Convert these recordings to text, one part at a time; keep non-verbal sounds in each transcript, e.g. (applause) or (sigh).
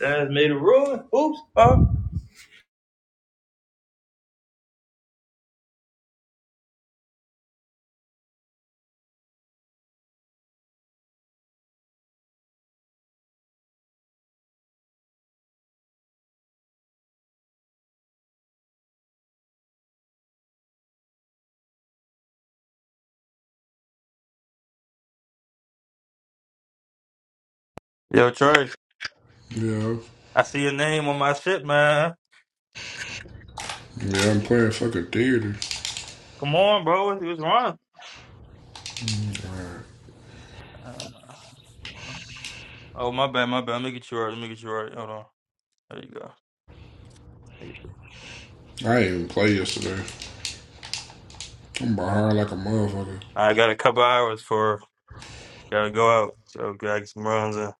That's made a ruin. Oops. Oh. Yo, Trey, Yeah. I see your name on my shit, man. Yeah, I'm playing fucking theater. Come on, bro. He was wrong. Oh, my bad, my bad. Let me get you right. Let me get you right. Hold on. There you go. I didn't even play yesterday. I'm behind like a motherfucker. I got a couple hours for gotta go out. So gotta get some runs in.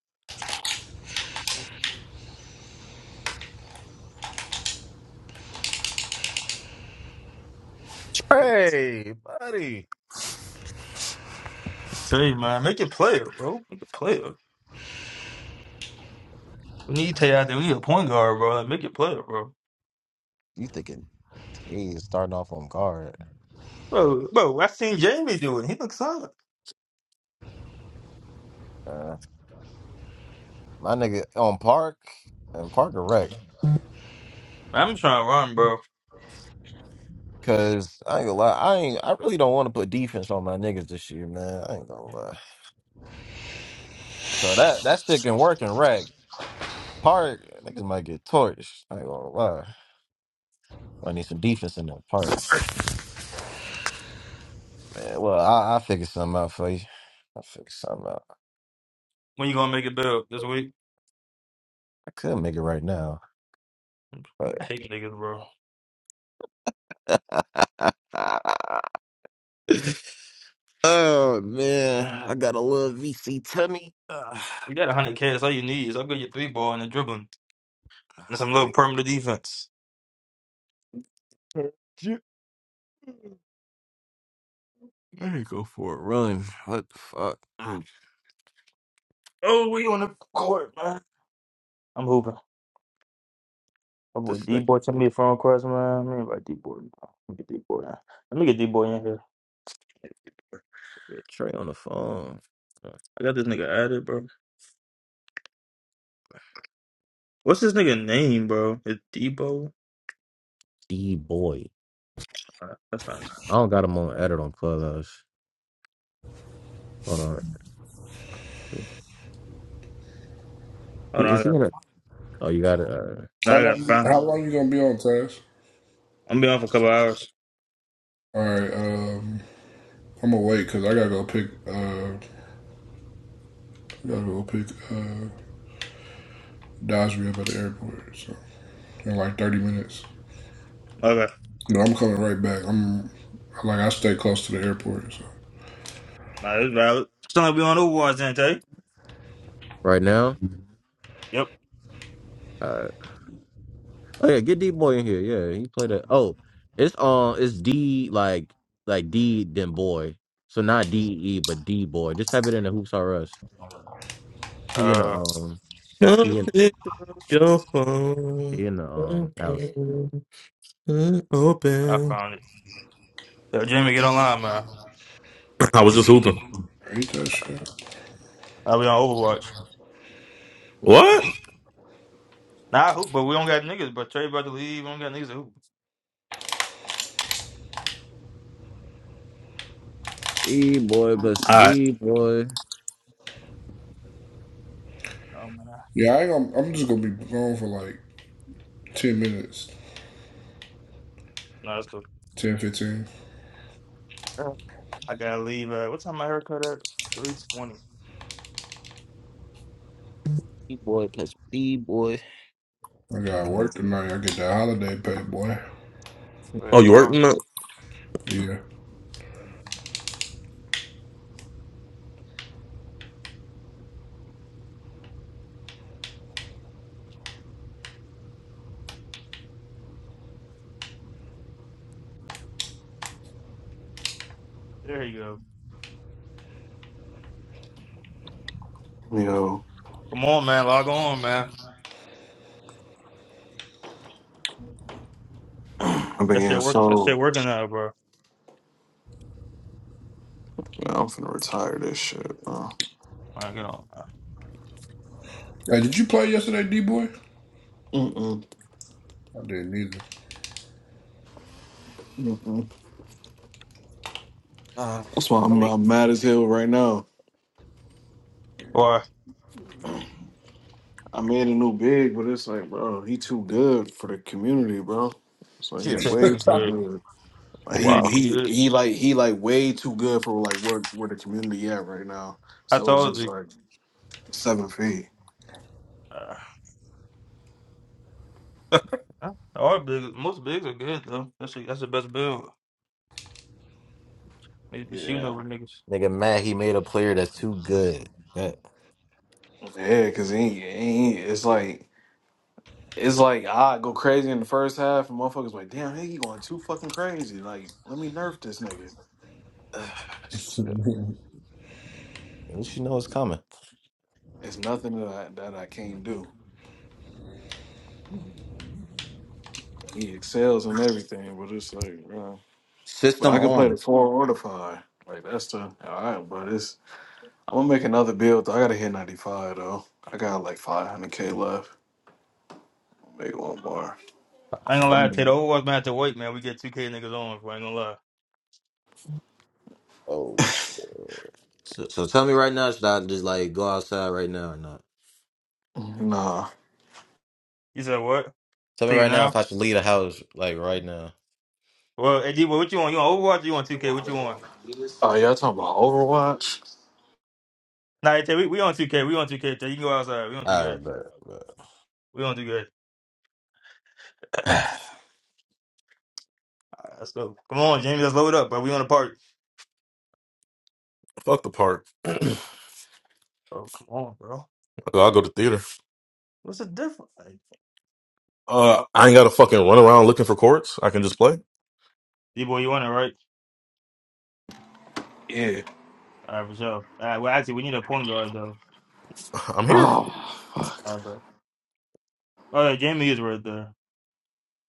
Hey, buddy. Tell you, man, make it player, bro. Make it player. We need to out there. We need a point guard, bro. Like, make it player, bro. You thinking today is starting off on guard. Bro, bro, I seen Jamie do it. He looks solid. Uh, my nigga on park and park or wreck. I'm trying to run, bro. Cause I ain't gonna lie, I ain't I really don't want to put defense on my niggas this year, man. I ain't gonna lie. So that that shit can work in wreck. Park, niggas might get torched. I ain't gonna lie. I need some defense in that park. Man, well, I I figure something out for you. I'll figure something out. When you gonna make it build this week? I could make it right now. But I hate niggas, bro. (laughs) Oh man, I got a little VC tummy. Uh, You got 100 K. That's all you need. Is upgrade your three ball and the dribbling and some three. little perimeter defense. I need to go for a run. What the fuck? Mm. Oh, we on the court, man. I'm hooping. My boy This D nigga boy sent me a phone call, man. Let me invite D boy. Let me get D boy. Let me get D boy in here. Trey on the phone. Uh, I got this nigga added, bro. What's this nigga name, bro? Is Debo? D boy. Uh, that's not. his name. I don't got him on edit on Clubhouse. Hold on. He Hold on, is I he got. in it? Oh, you got it uh, No, How I got to long? find. him. How long you gonna be on task? I'm gonna be on for a couple hours. All right, um, I'm gonna wait because I gotta go pick. Uh, gotta go pick uh, Dodgery up at the airport. So in like 30 minutes. Okay, No, I'm coming right back. I'm like I stay close to the airport. So nah, this valid. Still like we on Overwatch, then, Tay. right now. Yep. Uh, oh yeah, get D boy in here. Yeah, he played it. Oh, it's um, it's D like like D then boy. So not D E but D boy. Just type it in the hoops R us. He in the Uh, um. Don't He in, pick up your phone. he in the um house. Open. I Open. found it. Yo, Jamie, get online, man. I was just hooping. ain't that shit? I'll be on Overwatch. What? Nah, I hoop, but we don't got niggas. But Trey about to leave. We don't got niggas to hoop. D boy plus All right. D boy. Oh man, nah, Yeah, I ain't gonna, I'm just gonna be gone for like 10 minutes, Nah, that's cool. 10 15. I gotta leave. Uh, what time my haircut at? Three twenty. D boy plus D boy. I got work tonight. I get that holiday pay, boy. Oh, you Tomorrow. working up? Yeah. There you go. Yo, Come on, man. Log on, man. I'm That being shit work. That so. shit working now, bro. Man, I'm finna retire this shit, bro. Like, you know, Hey, did you play yesterday, D boy? Mm-mm, I didn't either. mm-mm. Ah, That's why I I'm, mean, I'm mad as hell right now. boy, I made a new big, but it's like, bro, he too good for the community, bro. It's like he (laughs) chill. things way are too good. good. Like It he ain't Wow. too he good. he like he like way too good for like where where the community at right now. I So it's told just you. like seven feet. Uh, (laughs) yeah, all big, most bigs are good though. That's a, that's the best build. They be shooting Yeah. over niggas. Nigga mad he made a player that's too good. That, Yeah, cause he, he it's like it's like I go crazy in the first half, and motherfuckers like, damn, he going too fucking crazy. Like, let me nerf this nigga. (sighs) shit. At least you know it's coming. It's nothing that I, that I can't do. He excels in everything, but it's like, you know, but System I can play the on. four or the five. Like that's the all right, but it's I'm gonna make another build. Though. I gotta hit 95 though. I got like 500k left. Make one more. I ain't gonna lie to you. Mm. The old ones might have to wait, man. We get two K niggas on. If I ain't gonna lie. Oh, So, so tell me right now, should I just like go outside right now or not? Nah. You said what? Tell me Tell you right now now. if I should leave the house like right now. Well, boy, what you want? You want Overwatch? Or you want 2K? What you want? Oh, y'all talking about Overwatch? Nah, hey, Tay, we, we on 2K. We on 2K. Tay, you can go outside. We on Ah, 2K. but, but. We on 2K. (sighs) (clears throat) Alright, let's go. Come on, Jamie. Let's load up, bro. We on the party? Fuck the park. (clears throat) I'll Oh, come on, bro. go to theater. What's the difference? Uh, I ain't got to fucking run around looking for courts. I can just play. D boy, you want it, right? Yeah. All right, for sure. All right, well, actually, we need a point guard, though. (sighs) I'm here. Oh, fuck. All right, bro. Oh, yeah, Jamie is right there.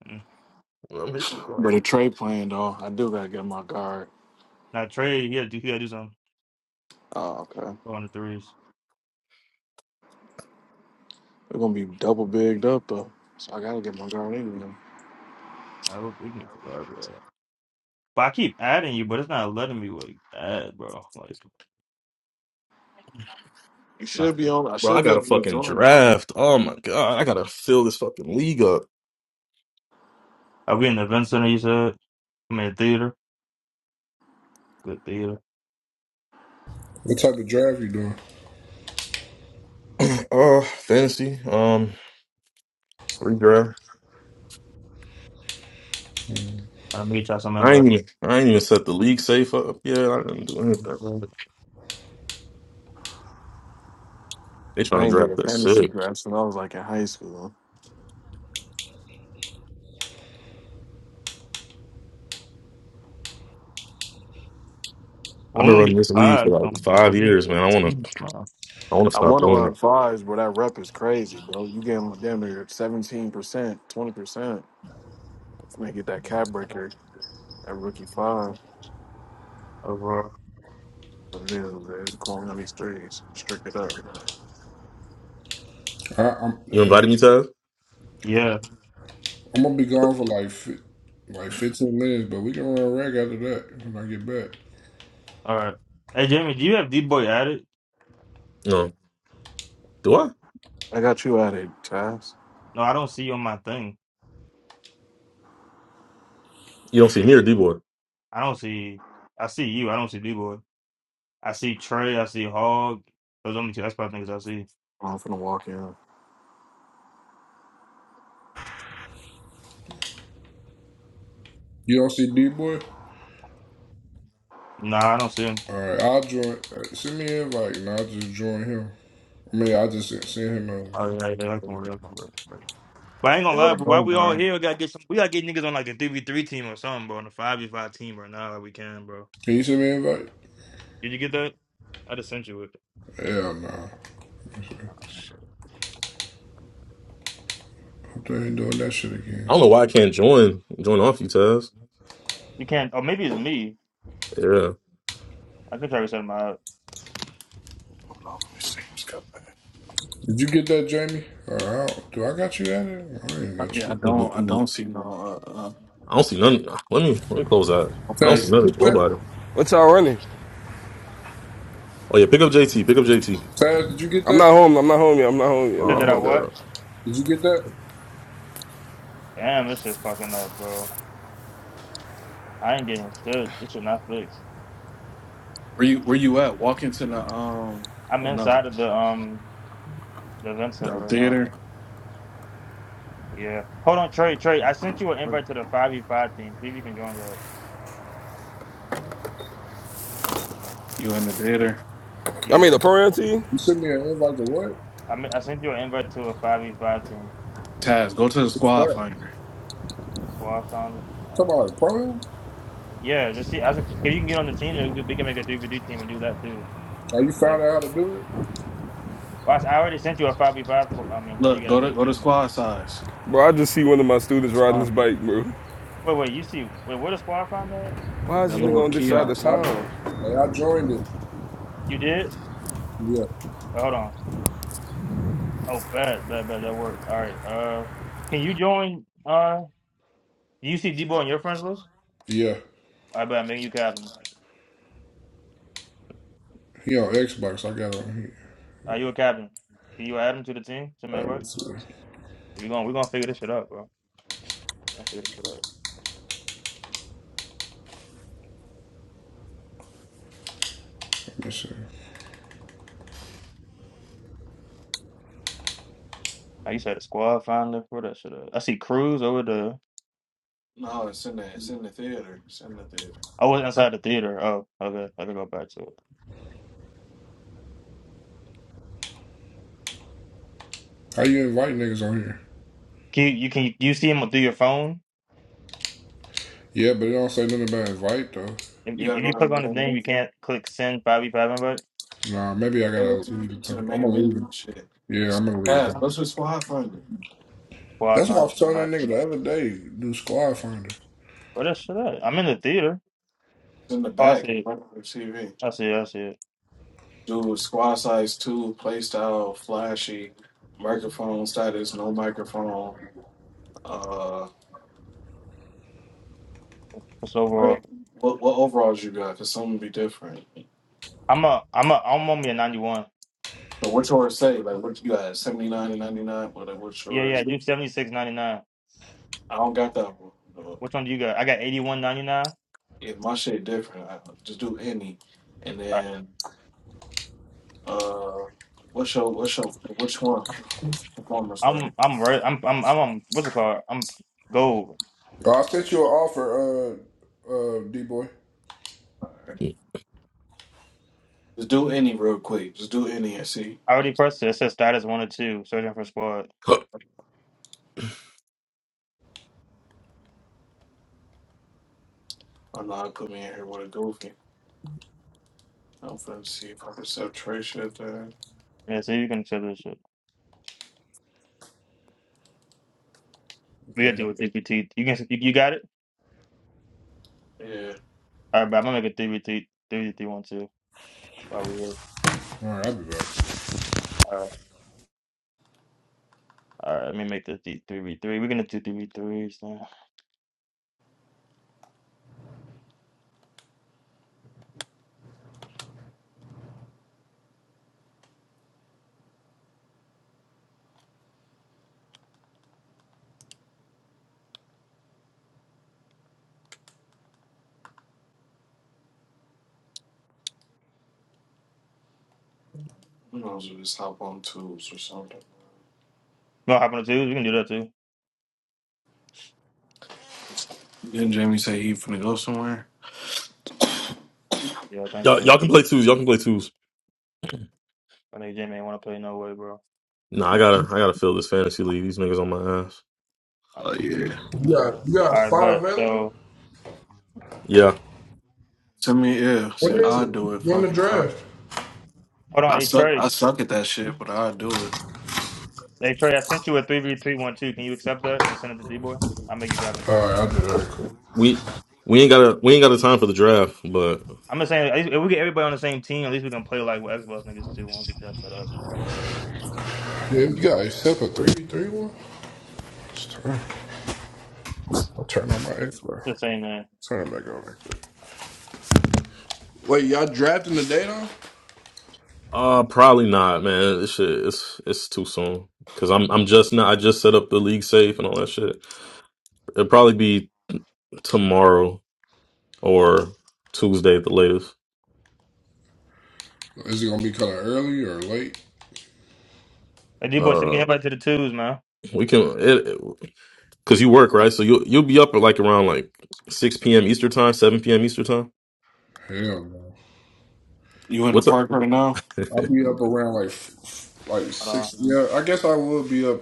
Mm. I'm here. But a trade plan though, I do gotta get my guard. Now, Trey, he had to, do, he had to do something Oh, okay. on the threes. They're gonna be double bigged up though. So I gotta get my girl anyway. I hope we can get the guard, bro. But I keep adding you, but it's not letting me, like, add, bro. Like, it's You should not be on I Bro, should I be got to able to fucking join. draft. Oh my god, I gotta fill this fucking league up. I'll be in the center. you said. I'm in theater. Good theater. What type of draft you doing? (clears throat) uh, fantasy. Um, redraft. I'll meet y'all some I invite. ain't even. I ain't even set the league safe up. Yeah, I didn't do anything. Well, They trying I to ain't did draft a that fantasy shit. draft since I was like in high school. we I've been don't running get this league for eyes, like don't, bro. five We- years, man. I wanna we- uh, I wanna I stop won doing it. around fives, but that rep is crazy, bro. You getting damn near seventeen percent, twenty percent. When they get that cap breaker at rookie five. Overall. But it is, man. It's going on these threes. Strict it up. I, I'm You hey, invited me, Taz? Yeah. I'm gonna be gone for like fi- like 15 minutes, but we can run a rag after that when I get back. All right. Hey, Jamie, do you have D Boy added? No. Do I? I got you at it, Taz. No, I don't see you on my thing. You don't see me or D boy. I don't see. I see you. I don't see D Boy. I see Trey. I see Hog. Those only two. That's probably niggas I see. I'm finna walk in. You don't see D boy? Nah, I don't see him. All right, I'll join. uh, Send me an invite, and I'll just join him. I mean, I just send send him a. Oh, yeah, yeah. That's more real. That's more real. Right. But I ain't gonna They go lie, to but why point we all guard. here? We gotta get some. We gotta get niggas on like a three v three team or something, bro. On a five v five team right now, if we can, bro. Can you send me an invite? Did you get that? I just sent you it. Hell nah. Oh shit. Hope they ain't doing that shit I again. don't know why I can't join join off you, Taz. You can't. Oh, maybe it's me. Yeah. I could try to set my out. Hold on, let me see what's coming. Did you get that, Jamie? Or I do do I got you at it? I ain't got Yeah, I you. don't I don't I see no uh, uh don't see none. ah, Let me let me close out. no I don't see Taz, did places. you nothing. get that? Nobody. What y'all running? Oh yeah, pick up JT. Pick up JT. Taz, did you get I'm that? not home. I'm not home yet. I'm not home yet. I'm Did not Oh I my home god. what? yet. Did you get that? Damn, this shit fucking up, bro. I ain't getting fixed. It should not fix. Where you where you at? Walk into the um I'm well no inside of the um the event center the right now. theater. Yeah. Hold on, Trey. Trey, I sent you an invite to the five v five team. See if you can join the. You in the theater? Y'all Yeah. made a program team? You sent me an invite to what? I mean, I sent you an invite to a five v five team. Taz, go to the What's squad that? finder. Well, I found. it. Talking Uh, about Prime? yeah. Let's see. I said, if you can get on the team, then we can we can make a three v three team and do that too. Are Yeah. you found Well, out how to do it? I s- I already sent you a five v five. for- I mean, well, Look, you go gotta to go to look. squad size. Bro, I just see one of my students riding Spot his bike, bro. Wait, wait, you see, wait, where does Squad find that? Why is that this Here it nigga little is. on this side of kiosk in Well, the town? back. I, hey, I joined it. You did? Yeah. Well, Hold on. Oh, bad, bad, bad. That works. All right. Uh, can you join? Uh, do you see Debo on your friends list? Yeah. I bet I'm making you captain. He on Xbox. I got on here. Are you a captain? Can you add him to the team? Some All right, invite? let's see. Let We're gonna we're gonna figure this shit out, bro. We're gonna figure this shit out. me see. Like you said, the squad finder for that shit out. I see Cruz over the. No, it's in the it's in the theater. It's in the theater. I was inside the theater. Oh, okay. I can go back to it. How you invite niggas on here? Can you, you can you see him through your phone? Yeah, but it don't say nothing about invite though. If, You if gotta if go you to click the on his main name, you menu. can't click send five v five invite. Nah, maybe I Go gotta to, leave the to the company. I'm main gonna menu. and leave it. Shit. Yeah, I'm gonna leave the Taz, go to company. the squad finder. Squad That's what I was telling that finder. nigga the other day. Do squad finder. Where that shit at? I'm in the theater. It's in the Oh, I back. see it. Right on the TV. I see it. I see it. Do squad size two, play style, flashy, microphone status, no microphone. uh. It's overall. Like, What what overalls you got? Cause some would be different. I'm a. I'm a. I'm only a 91. But what yours say? Like what you got? Seventy nine and ninety nine. What like what's Yeah, yours? yeah. Do 76.99. I don't got that one. No. Which one do you got? I got 81.99. If my shit different, I just do any. And Alright. then uh, what's your what's your which one? Performance I'm. sorry. I'm. re- I'm. I'm. I'm. on- What's it called? I'm gold. Oh, I sent you an offer, uh, uh, D boy. Yeah. Just do any real quick. Just do any and see. I already Just, pressed it. It says status one or two. Searching for squad. I'm not put me in here with a goofy. I'm finna see if I can set shit there. Yeah. So you can check this shit. We got Okay, to do with yeah. DPT. You can. You, you got it. Yeah. All right, but I'm gonna make a three v three. Three v three one two. Probably. All right, I'll be back. All right. All right. Let me make this three v three. We're gonna do three v threes now. You Who knows? We Just hop on tools or something. wanna hop on the twos? We can do that too. Didn't Jamie say he finna go somewhere? Yeah, I think Y'all, y'all so. can play twos. Y'all can play twos. I think Jimmy ain't want to play no way, bro. All Nah, I gotta I gotta fill this fantasy league. These niggas on my ass. right, Oh you- yeah. Yeah, you got a all right, spot bet. available? So Yeah. To me, yeah. See, When is I'll it? do it. When the Fucking, I, draft? hold I on, H suck. Trey. I suck at that shit, but I'll do it. H Trey, I sent you a three v three one two. Can you accept that and send it to D boy? I'll make you copy. All right, I'll do that. Cool. We we ain't got a we ain't got a time for the draft, but. I'm just saying, at least if we get everybody on the same team, at least we can play like what Xbox niggas do. Once we get that set up, I Yeah, you think got so. yourself a three v three one. Just turn- I'll turn on my It's Xbox. it's the same man. Turn it back on. Like that. Wait, y'all drafting the day though? Uh, probably not, man. This shit, it's it's too soon. Cause I'm I'm just not. I just set up the league safe and all that shit. It'll probably be tomorrow or Tuesday at the latest. Is it gonna be kind of early or late? Hey, D boy, so you can Uh, hit back to the twos, man. we can it, it- cause you work right, so you will you'll you'll be up at like around like six p.m. Eastern time, seven p.m. Eastern time. Hell no. You in the What's up park right now? (laughs) I'll be up around like f- f- like Hold on. six. Yeah, I guess I will be up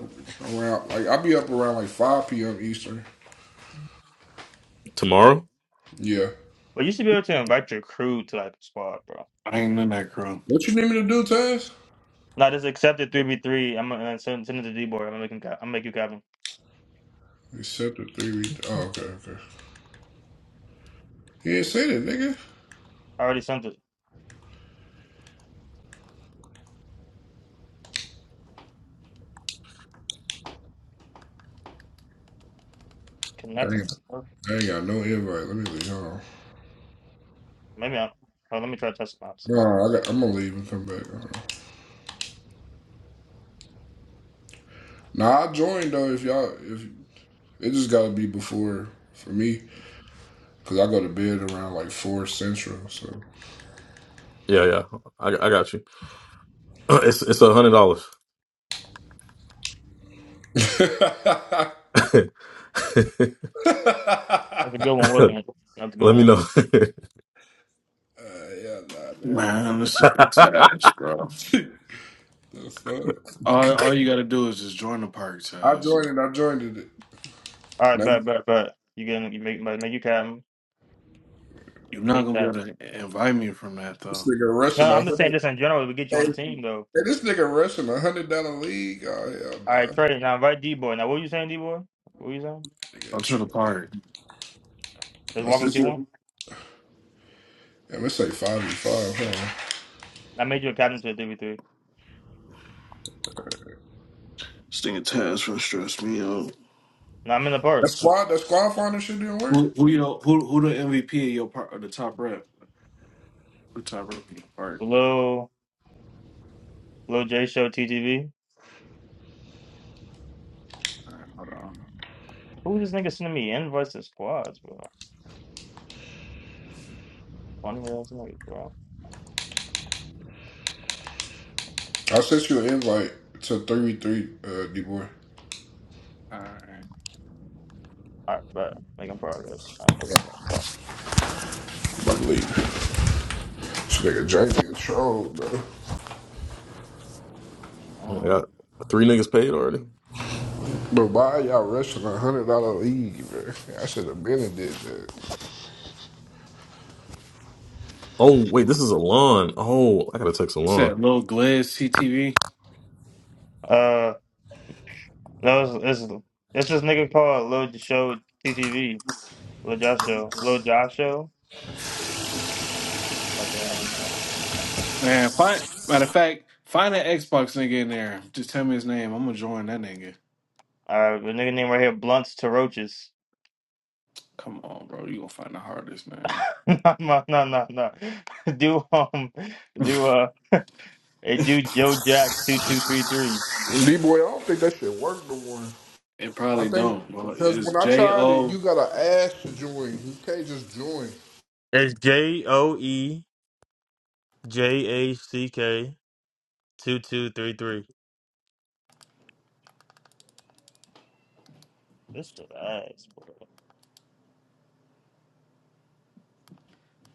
around like I'll be up around like five p.m. Eastern. tomorrow? Yeah. But you should be able to invite your crew to like the squad, bro. I ain't in that crew. What you need me to do, Taz? Now just accept it three v three. I'm gonna send, send it to D boy. I'm gonna make him. co- I'm gonna make you copy. Accept the three. Oh, okay, okay. He didn't say that, nigga. I already sent it. I ain't, Connecting. I ain't got no invite. Let me leave. Hold on. Maybe I. Hold on, let me try to test them out. Sorry. No, I got, I'm gonna leave and come back. Nah, I joined though. If y'all, if it just gotta be before for me, cause I go to bed around like four central. So. Yeah, yeah. I I got you. (clears throat) It's it's a hundred dollars. (laughs) uh, (laughs) yeah, That's a good one. Whipping it. That's a good Let me one. know. (laughs) nah, damn. Man, this nigga I Taz, bro. (laughs) the fuck. All, all you gotta do is just join the park, I Taz. joined it. I joined it. All right, Now bet, bet, bet. You can you make, make you captain. You're not Make gonna be that. able to invite me from that though. this nigga No, rushing a I'm just saying hundred. this in general. We get you Hey, on the hey, team though. this nigga rushing a hundred dollar league. Oh hell All right, nah. Trey. Now invite D boy. Now what you saying, D boy? What you saying? Nigga, Go to true. the park. Just My walking T sister. one. Damn, it's like five v five. Huh? I made you a captain to a three v three. This nigga Taz finna stress me out. Now I'm in the That park. squad. That squad finder shit didn't work. Who who you know, who who the MVP of your part or the top rep? Who the top rep in your park? Lil Lil J Show TTV. All right, hold on. Who this nigga sending me invites to squads, bro? Funny ass niggas, bro. I sent you an invite to 3v3, uh, D-Boy. All right. All right, bet. Making progress. I'm making progress. Fuck league. This nigga Jamie is troll, bro. Um, got three niggas paid already. But why y'all rushing a one hundred dollar league, bro? I should have been and did that. Oh wait, this is Alon. Oh, I gotta text you said Alon. Lil Gliz CTV. Uh, No, it's, it's, it's this nigga called Lil Show TTV. Lil Josh Show. Lil Josh Show? Okay. Man, find matter of fact, find that Xbox nigga in there. Just tell me his name. I'm gonna join that nigga. Alright, the nigga name right here, Blunts to Roaches. Come on, bro. You gonna find the hardest man. (laughs) no, no, no, no. no. (laughs) Do, um, (laughs) do, uh, hey, do Joe Jack 2233. D-Boy, I don't think that shit worked no more. it I probably think don't. Well, because it's when I J tried it, O. you gotta ask to join. You can't just join. It's J O E J A C K two two three three. This shit ass,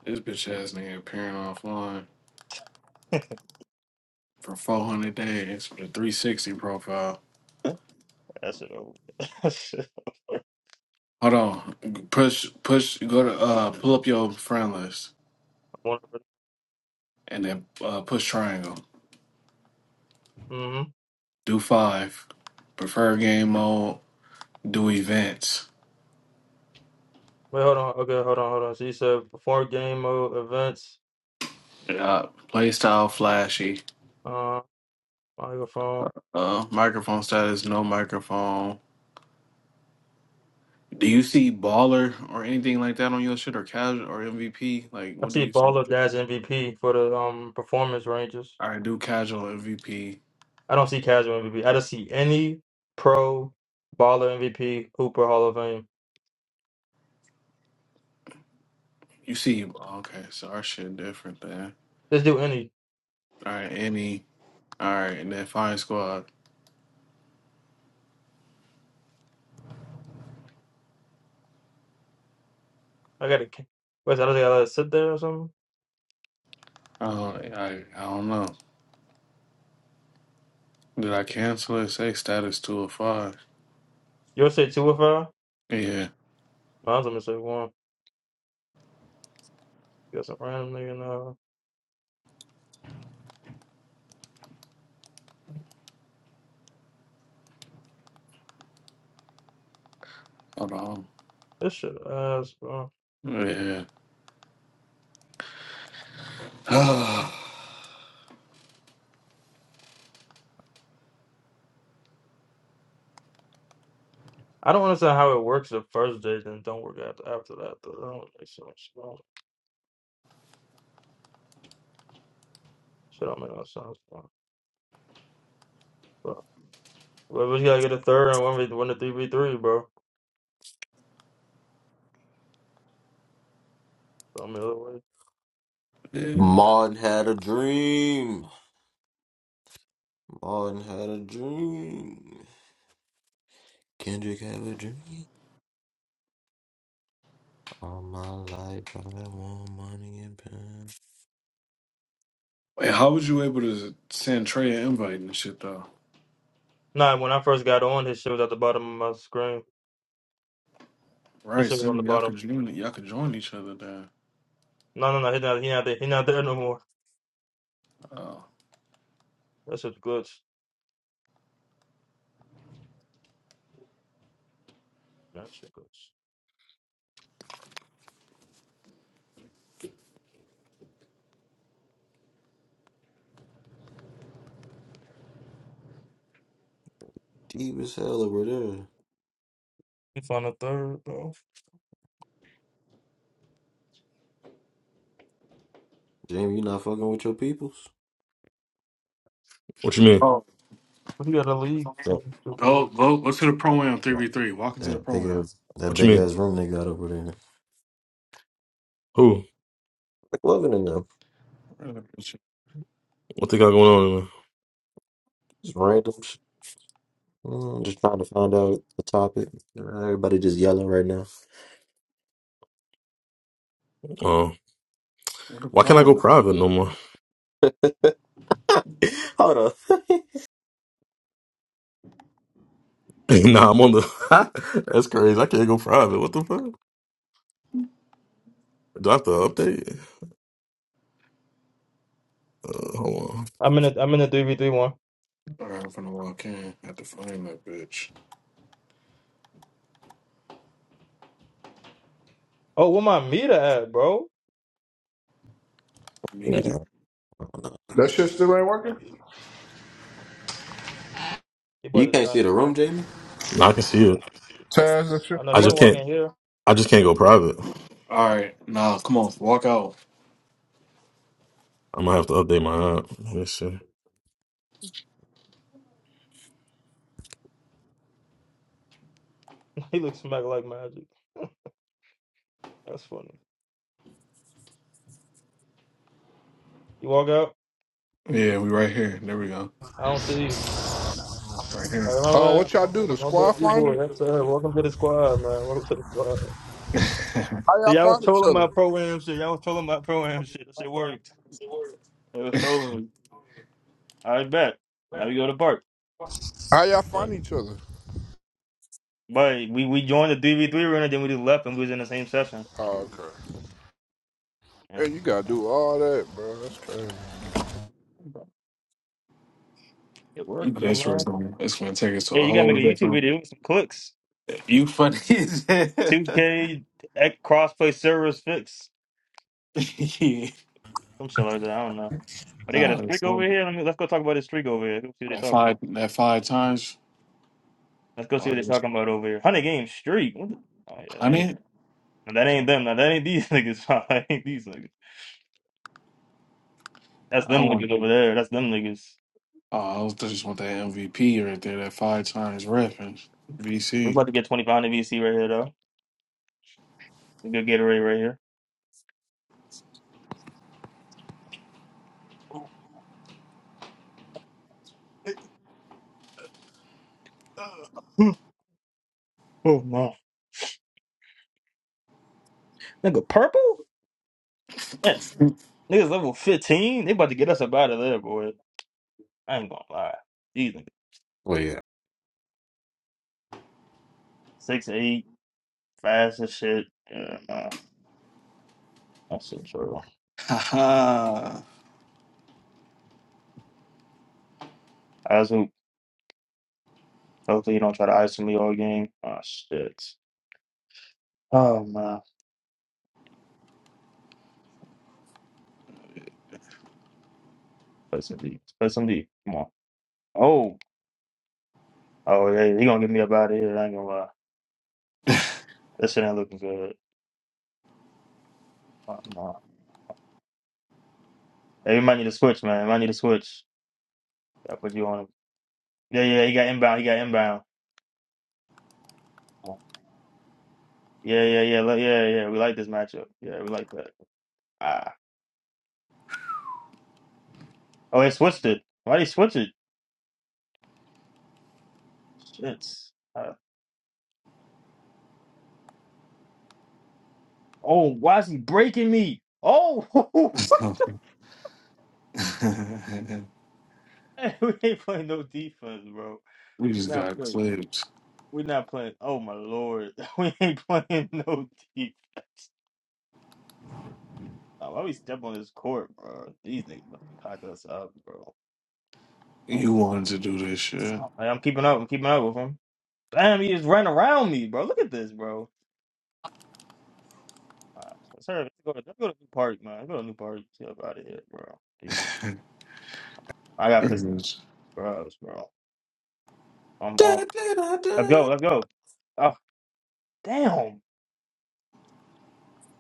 This bitch ass nigga appearing offline bro. for 400 days with a 360 profile. (laughs) That's it over. (laughs) That shit Hold on. Push, push. Go to uh, pull up your friend list over. and then uh, push triangle. Mm-hmm. Do five. Prefer game mode. Do events. Wait, hold on. Okay, hold on, hold on. So you said before game mode events. Uh, play style flashy. Michael Fall. Uh, microphone status, no microphone. Do you see baller or anything like that on your shit or casual or MVP? Like, I what do see you see? Baller as MVP for the um performance Rangers. All right, do casual MVP. I don't see casual MVP. I don't see any pro baller MVP Hooper Hall of Fame. You see, oh, okay, so our shit different then. Just do any. All right, any. All right, and then fine squad. I gotta wait, so I don't think I let it sit there or something. Uh, I I don't know. Did I cancel it? Say status two or five. You'll say two or five? Yeah, Mine's gonna say one. You got some random nigga now. hold on. This shit ass, bro. Yeah. (sighs) I don't understand how it works the first day, then don't work after after that. Though. That don't make sense. Bro. Shit don't make no sense, bro. But but we gotta get a third and win, the- win the three v three, bro. I'm yeah. Wait, Martin had a dream. Martin had a dream. Kendrick have a dream. All my life I want money and power. how was you able to send Trey an invite and shit though? Nah, when I first got on, his shit was at the bottom of my screen. His Right, shit so was I on the mean, y'all bottom. could join y'all could join each other then. No, no, no. He not. He not there. He not there no more. Oh. That's a glitch. That shit glitch. Deep as hell over there. He found a third though. Jamie, you not fucking with your peoples? What you mean? Oh, He got a league. so- Go go go to the pro am three v That, three. Walk into the that pro big am. ass that What you big ass mean? room they got over there. Like Who? loving in them. Where the bitch- What they got going on? in Just random sh- Mm, just trying to find out the topic. Everybody just yelling right now. Uh, where the why can't I pro go am? private no more? (laughs) Hold on. (laughs) (laughs) nah, I'm on the. (laughs) That's crazy. I can't go private. What the fuck? Do I have to update? Uh, hold on. I'm in. A, I'm in a three v three one. All right, I'm finna walk in. Have to find that bitch. Oh, where my meter at, bro? Me no, either. no. That shit still ain't working? He about You to can't die, see the room, bro. Jamie? No, I can see it. Taz, that shit I know I ain't he just gonna working? walk can't. in here. I just can't go private. All right, nah, come on, walk out. I'm gonna have to update my app. Let me see. (laughs) he looks smack like magic. That's funny. You walk out. Yeah, we right here. There we go. I don't see you. Right All here. right, Uh, my what man, y'all bro. do? My, The my boy squad D boy. finder? That's uh, welcome to the squad, man. Welcome to the squad. (laughs) How So y'all y'all was find each trolling other? my program shit. Y'all was trolling my program shit. That shit worked. It was trolling me. I bet. Now we go to park, How y'all find But each other? but we, we joined the three v three room then we just left and we was in the same session. Oh, okay. You know. And you gotta Yeah, do all that, bro. That's crazy. bro. It worked, But though, that's where it's man. going. It's gonna take us to Hey, a you gotta whole make a YouTube different. video with some clicks. You funny. as hell. Two K ec- crossplay servers fix. (laughs) yeah. Some shit like that. I don't know. But they got a Nah, it's streak over only- here. Let me, let's go talk about this streak over here. Let's see what they that talking five about. that five times. Let's go see Or what they this talking about over here. Hundred game streak. What the? Oh yeah, that ain't hundred. that ain't them. Now that ain't these (laughs) niggas. (laughs) that ain't these niggas. That's I them don't want. niggas over there. That's them niggas. Oh, I was I just want that MVP right there, that five times reference. We're VC. about to get 25 in VC right here, though. A good Gatorade right here. Oh, nigga. (clears throat) Oh, no. Nigga, purple? That's niggas level 15. They about to get us up out of there, boy. I ain't gonna lie. These niggas. Well yeah. Six, eight, fast as shit. Yeah, nah. That's so true. Ha ha. Eyes hoop. Hopefully you don't try to ice me all game. Oh shit. Oh man. Play some D. Play some D. Come on. Oh. Oh yeah, He gonna get me up out of here, I ain't gonna lie. This shit ain't looking good. Oh, no. Hey, you might need to switch, man. You might need to switch. I put you on him. Yeah, yeah, he got inbound. He got inbound. Yeah, yeah, yeah, li- yeah, yeah. We like this matchup. Yeah, we like that. Ah. Oh, they switched it. Why they switch it? Shit. Uh, oh, why is he breaking me? Oh, (laughs) (laughs) (laughs) we ain't playing no defense, bro. we just We're not got playing. clipped. We're not playing. Oh my lord, (laughs) we ain't playing no defense. Uh, why we step on this court, bro? These niggas about to pack us up, bro. Oh. You wanted to do this shit. I'm keeping up. I'm keeping up with him. Damn, he just ran around me, bro. Look at this, bro. Wow. Let's, hurry up. Let's go, let's go to New Park, man. Let's go to New Park. Get up out of here, bro. Yeah. I got pissed off, Anyways. bros, bro. I'm Da, off. da, da, da. Let's go. Let's I'm go. Oh, damn.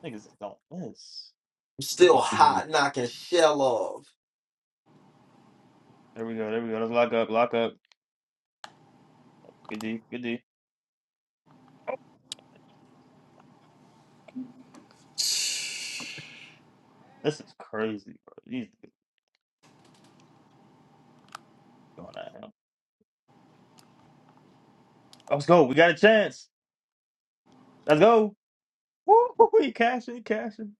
Niggas just don't miss. still hot knocking shell off. There we go. There we go. Let's lock up. Lock up. Good D. Good D. This is crazy, bro. These niggas going at him. Oh, Let's go. We got a chance. Let's go. Woo! woo, woo. You cashing? You cashing?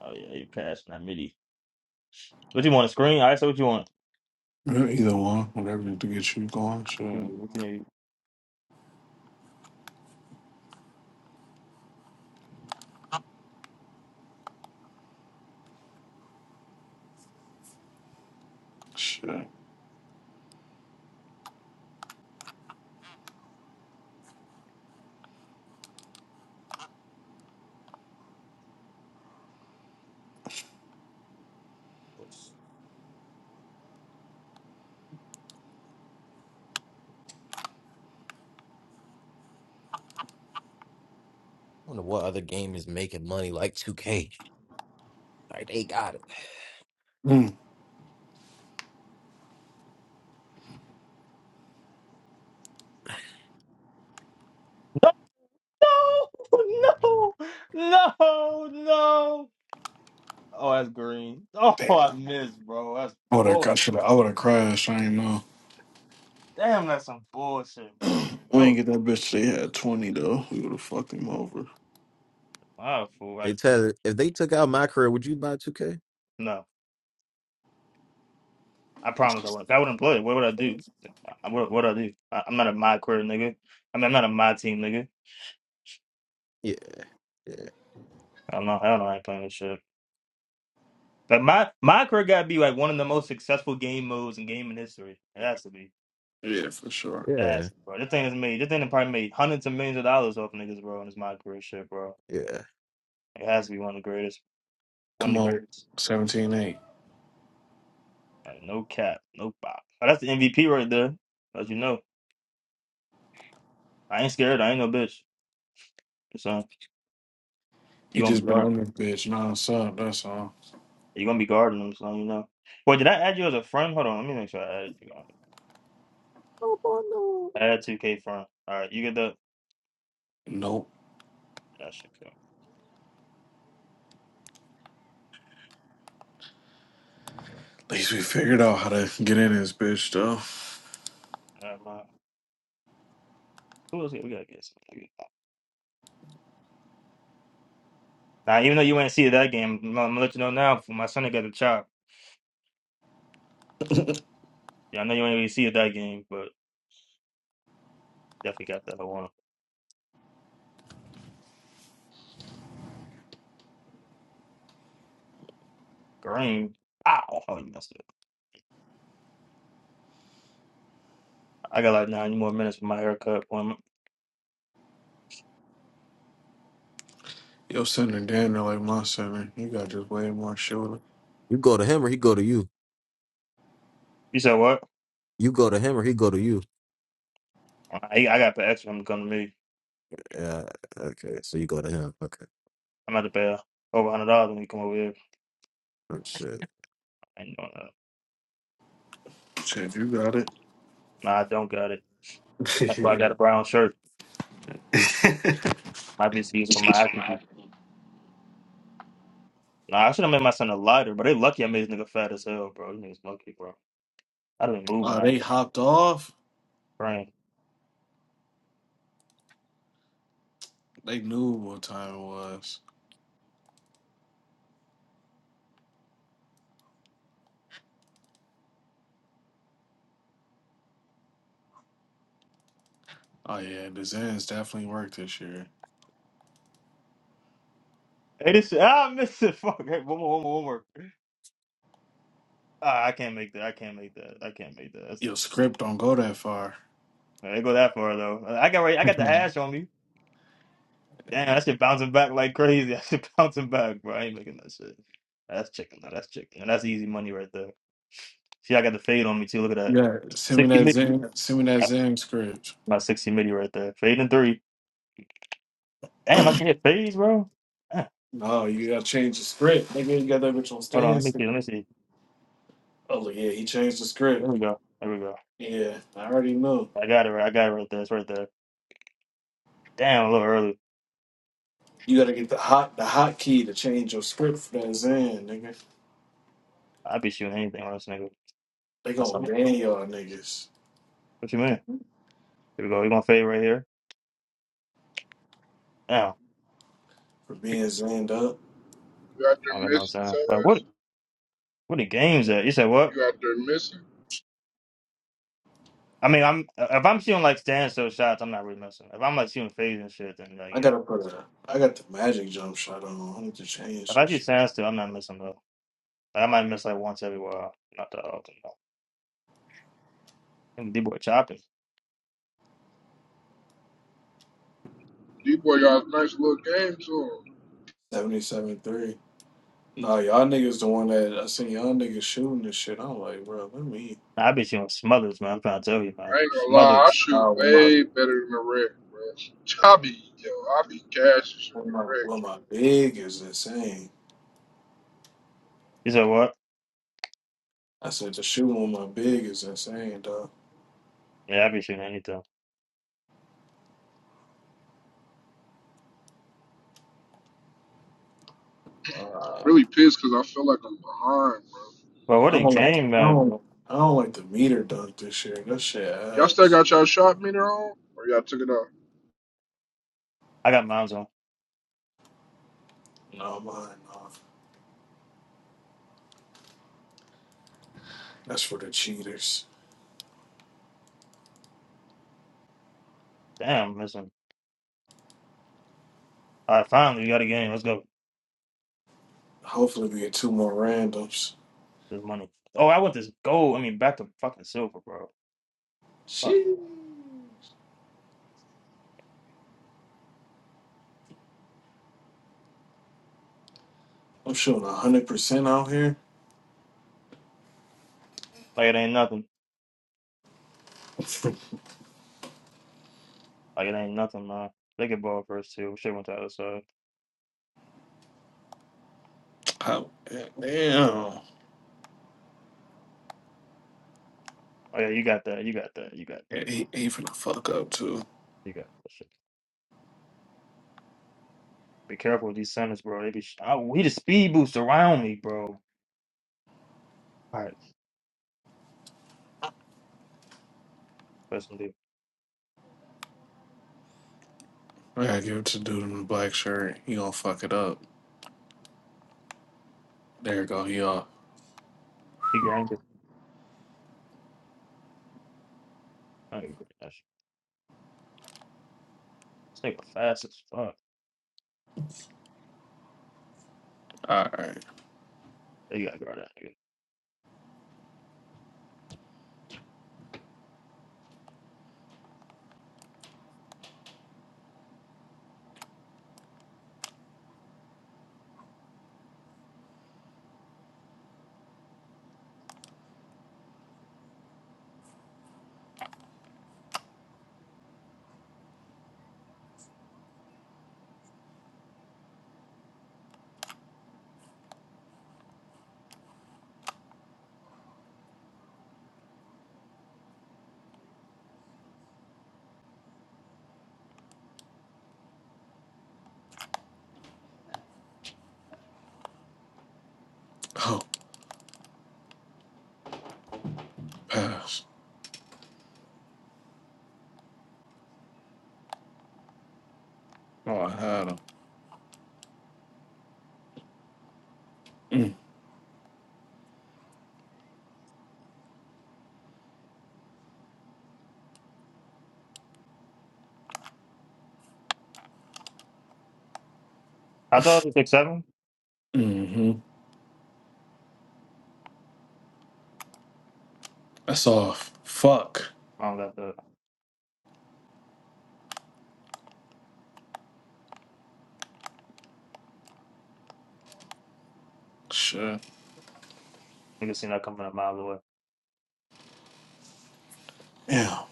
Oh yeah, you cashing that midi. What you want? A screen? I said what you want. Yeah, Either one, whatever to get you going. Shit. What you need? Shit. I don't know what other game is making money like 2K. Like they got it. Mm, No, (laughs) no, no, no. Oh, that's green. Oh, (laughs) damn. I missed, bro. That's I would have I should bullshit. I would have crashed. I ain't know. Damn, that's some bullshit, bro. (clears throat) That we ain't was get that bitch. They had twenty though. We would have fucked him over. wow, fool. Hey Right? Tyler, if they took out my career, would you buy 2K? No, I promise I wouldn't. If I wouldn't play. What would I do? I- What would I do? I, I'm not a my career nigga. I mean, I'm not a my team nigga. Yeah, yeah, I don't know. I don't know how I playing this shit. But my my career gotta be like one of the most successful game modes in gaming history. It has to be. Yeah, for sure. yeah, ass, bro. This thing has made this thing done probably made hundreds of millions of dollars off niggas, bro, and it's my career shit, bro. yeah. It has to be one of the greatest. One of Come the on, greatest. seventeen eight. Like no cap. No pop. But that's the MVP right there. As you know. I ain't scared, I ain't no bitch. So He you gonna just be been guard on this bitch nonstop. That's all. you gonna be guarding them, so you know. Boy, did I add you as a friend? Hold on, let me make sure I add you No, boy, no. add two K friend. Alright, you get that Nope. that shit go. At least we figured out how to get in this bitch though. Alright, Who else we gotta get some Now even though you ain't see it that game, I'm gonna let you know now for my son that got the chop. Yeah, I know you ain't really see it that game, but. Definitely got that. I want to green. Ow! Oh, oh, you messed it. up. I got like nine more minutes for my haircut appointment. Yo, center damn near like my center. You got just way more shoulder. You go to him or he go to you. You said what? You go to him or he go to you. I I got to pay extra. I'm coming to me. Yeah, okay. So you go to him. Okay. I'm at the pay over hundred dollars when you come over here. Oh shit. I ain't doing that. Shit, you got it. Nah, I don't got it. That's why I got a brown shirt. Might be used for my acting. (laughs) Nah, I should have made my son a lighter, but they lucky I made this nigga fat as hell, bro. You niggas lucky, bro. I done been moving oh, out they here. hopped off. Brain. They knew what time it was. Oh yeah, the Zans definitely worked this year. Hey, this ah, (laughs) I missed it. Fuck. Hey, one more, one more, one more. Ah, I can't make that. I can't make that. I can't make that. That's too. Yo, script don't go that far. I didn't go that far though. I got ready, I got (laughs) the hash on me. Damn, that shit bouncing back like crazy. (laughs) That shit bouncing back, bro. I ain't making that shit. That's chicken. though. That's chicken. And that's easy money right there. See, I got the fade on me too. Look at that. yeah, send me 60 that midi. Zan. Send me that Zan script. My 60 midi right there. Fade in three. Damn, I can hit fades, bro. Damn. No, you gotta change the script. Nigga, you got that bitch on Hold on. Let stance. me see. Let me see. Oh yeah, he changed the There script. we go. There we go. Yeah, I already know. I got it right. I got it right there. It's right there. Damn, a little early. You gotta get the hot the hot key to change your script for that Zan, nigga. I'd be shooting anything on this nigga. They That's gonna all. ban y'all niggas What you mean? Here we go. we going to fade right here. Damn. for being Zanned up. You out I don't got there no missing, time. But what, Taz? what the games at? You said what? You out there missing? I mean, I'm uh, if I'm shooting like standstill shots, I'm not really missing. If I'm like shooting fades and shit, then like I yeah. gotta put a I got the magic jump shot on. I need to change If I this shoot shit. standstill, I'm not missing though. Like, I might miss like once every while, not that often though. And D boy chopping. D-Boy got a nice little game to him. Seventy seven three. Nah, y'all niggas the one that I seen y'all niggas shooting this shit. I'm like, bro, let me Nah, I be shooting smothers, man. I'm trying to tell you, man. I ain't gonna lie, I Smothers. shoot Nah, when my way better than the red, bro. I be, yo, I be cashing in when the my when red. my big is insane. You said what? I said the shooting with my big is insane, Yeah, I be shooting anything. I'm dog. really pissed because I feel like I'm behind, bro. But I what a don't like. game, I man, don't. bro. I don't like the meter dunk this year. That shit Y'all still ass. got y'all shot meter on? Or y'all took it off? I got miles on. No, mine. No. That's for the cheaters. Damn, I'm missing. All right, finally we got a game. Let's go. Hopefully, we get two more randoms. There's money. Oh, I want this gold. I mean, back to fucking silver, bro. Fuck. Shit. I'm shooting hundred percent out here. Like it ain't nothing. Like it ain't nothing, man. They get ball first too. Shit went to the other side. Oh, damn. Oh yeah, you got that. You got that. You got Yeah, that. He, he finna fuck up too. You got that shit. Be careful with these centers, bro. They be sh- I, he the speed boost around me, bro. All right, first one, dude. I gotta give it to the dude in the black shirt. He gonna fuck it up. There you go. He off. He grinded. I agree. That shit. This nigga fast as fuck. All right. Yeah, You gotta guard that nigga. Oh, pass. Oh, I had him. How tall is he? Six seven. Mm, mm-hmm. That's off. Fuck. I don't got the Shit. nigga seen that coming a mile away. Damn.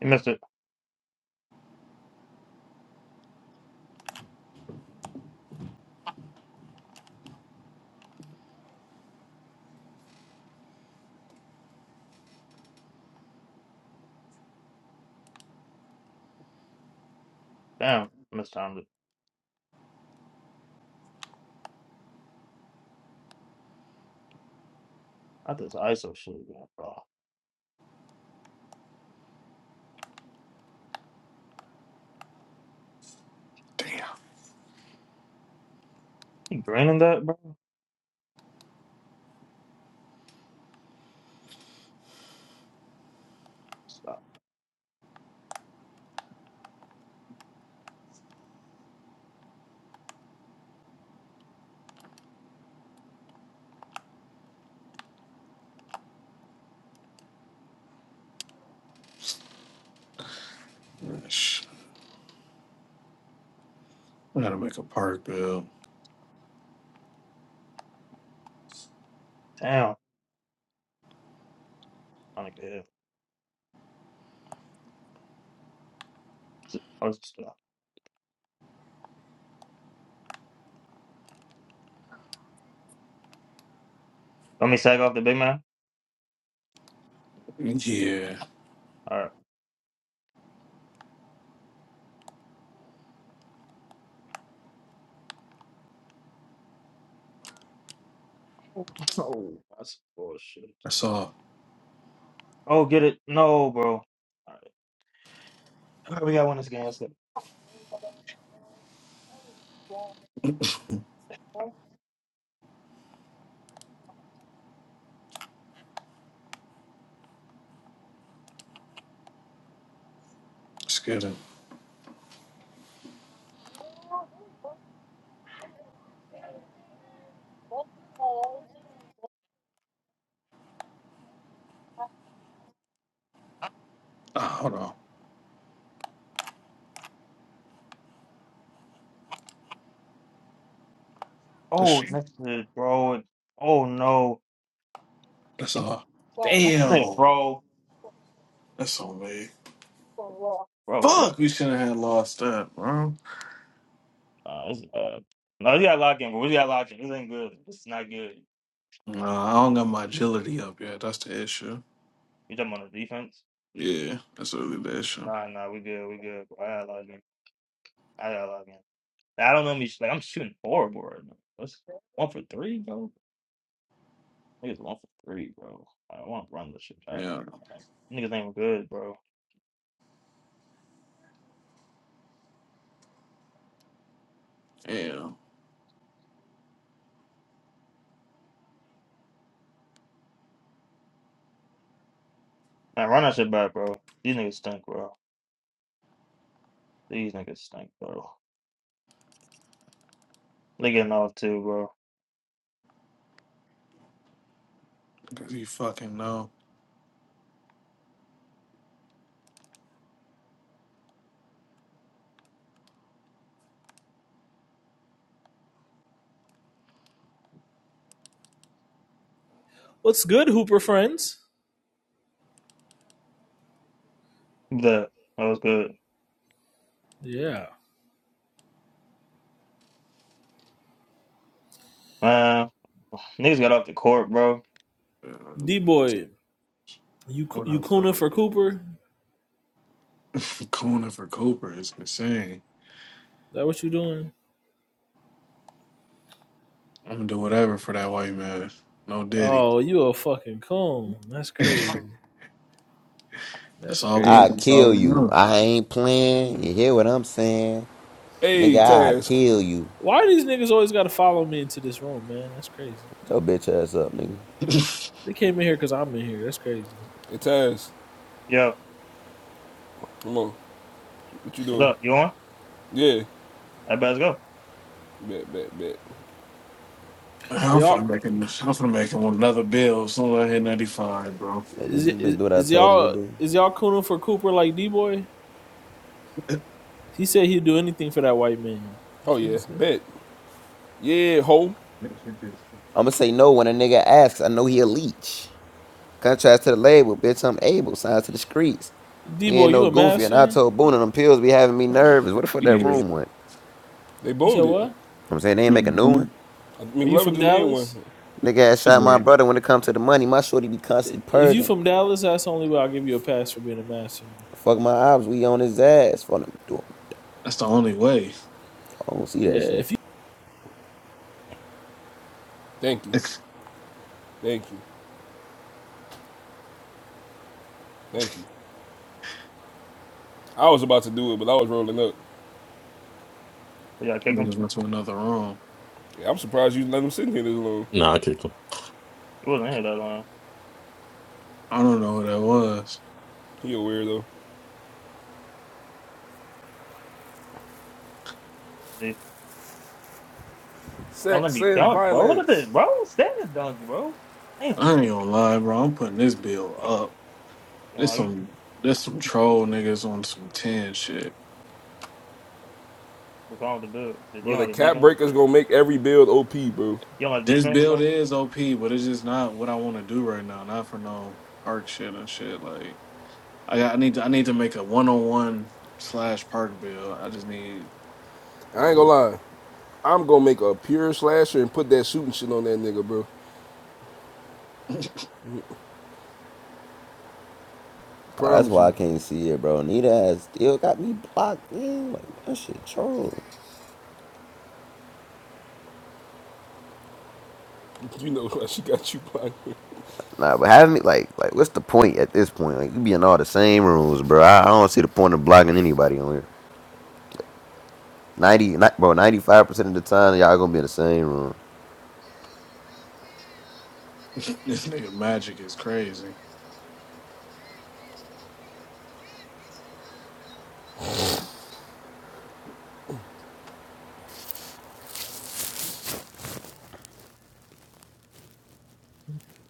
He missed it. Damn, missed time. to- I did this ISO shit, man, bro. Damn. He grinding that, bro. Stop. Shit. I gotta make a park bill. Damn. I don't care. Oh, stop. Let me sag off the big man. Yeah, All right. (laughs) Oh, that's bullshit. that's all. Oh, get it? No, bro. Alright, We gotta win this game. That's it. Just kidding. Ah, hold on. That's, Oh, that's it, bro. Oh no, that's It's- all. Damn it, Damn, bro. that's on me. Bro, what? Fuck, we shouldn't have lost that, bro. Nah, this is bad. No, we got lock in, bro. We got lock in. This ain't good. This is not good. Nah, I don't got my agility up yet. That's the issue. You talking about the defense? Yeah, that's really the issue. Nah, nah, we good. We good. Bro. I got lock in. I got lock in. I don't know me. Like I'm shooting horrible right now. What's one for three, bro? Niggas one for three, bro. I want to run this shit back. Yeah, Niggas ain't good, bro. yeah. Man, run that shit back, bro. These niggas stink, bro. These niggas stink, bro. They getting off too, bro. Because you fucking know. (laughs) What's good, Hooper friends? That that was good, Yeah. man. Niggas got off the court, bro. Yeah, D boy, you What you else? cooning for Cooper? Is (laughs) Cooning for Cooper is insane. that what you doing? I'm gonna do whatever for that white man. No diddy. Oh, you a fucking coon. That's (laughs) that's crazy. That's all we. I crazy. That's all kill we you. know. I ain't playing. You hear what I'm saying? Nigga, Hey, I Taz. kill you. Why do these niggas always gotta follow me into this room, man? That's crazy. Get your bitch ass up, nigga. (laughs) They came in here because I'm in here. That's crazy. Hey, Taz. Yo, Come on. What you what's doing? up? You on? Yeah. I better go. Bet, bet, bet. Are I'm finna y'all make an, I'm finna make him another bill as soon as I hit 95, bro. Man, is this it bitch is, do what I is told her to y'all do. is y'all cooning for Cooper like D boy? He said he'd do anything for that white man. Oh, That's what he yeah. said. Bet. Yeah, ho. I'ma say no when a nigga asks. I know he a leech. Contrast to the label, bitch, I'm able. Signs to the streets. D We boy, ain't no you a goofy. Mavs And I fan? told Boone them pills be having me nervous. What the fuck that Yeah. room went? They You said boomed it. what? I'm saying they ain't make a new hmm one. I mean, Are you McLovin from just made one. Dallas? Nigga ass shot my Yeah. brother when it comes to the money. My shorty be constantly If you purging. from Dallas, that's the only way I'll give you a pass for being a master. Fuck my ops, we on his ass. Fuck him. I That's the only way. don't see Yeah, that shit. if Thank you. Niggas Thank you. Thank you. I was about to do it, but I was rolling up. We gotta kick him. went to another room. Yeah, I'm surprised you let him sit here this long. Nah, I can't go. He wasn't here that long. I don't know who that was. He a weirdo. Dude, Don't let Sex me and dunk, bro. Look at this, violence. bro. Standing dunk, bro. Damn. You I ain't gonna lie, bro. I'm putting this bill up. Yo, There's like, you- some there's some troll niggas on some 10 shit. what's wrong with the dude? Did you Bro, the don't like the cap defense? breaker's gonna make every build OP, bro. You don't like the This defense with build him? is OP, but it's just not what I wanna do right now. Not for no park shit and shit. Like I got, I need to I need to make a one on one slash park build. I just need I ain't gonna lie. I'm gonna make a pure slasher and put that shooting shit on that nigga, bro. Oh, that's Promise why you. I (laughs) can't see it, bro. Nita has still got me blocked man. Like that shit troll. You know why she got you blind. Nah, but having me like like what's the point at this point? Like we be in all the same rooms, bro. I, I don't see the point of blocking anybody on here. Ninety, ni- bro, ninety five percent of the time y'all gonna be in the same room. (laughs) This nigga magic is crazy.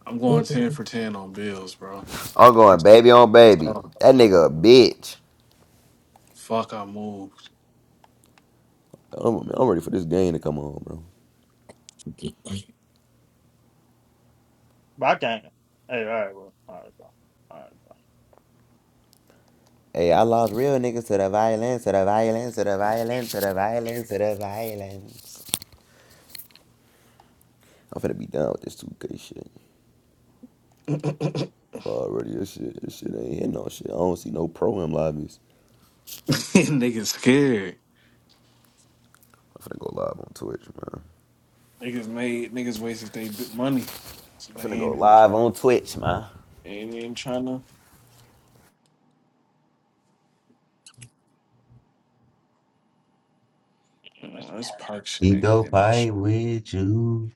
I'm going 10 for 10 on bills, bro. I'm going baby on baby. So That I nigga a moved. bitch. Fuck, I moved. I'm, I'm ready for this game to come on, bro. But I can't. Hey, all right, bro. All right, bro. All right, bro. Hey, I lost real niggas to the violence, to the violence, to the violence, to the violence, to the violence. I'm finna be done with this 2K shit. (laughs) already. This shit, this shit ain't hitting no shit. I don't see no pro him lobbies. niggas scared. I'm finna go live on Twitch, man. Niggas made, niggas wasted their bit money. So I'm they finna go ain't, even- live on Twitch, man. they ain't even trying to. this park shit He ain't go hit no shit. fight with you.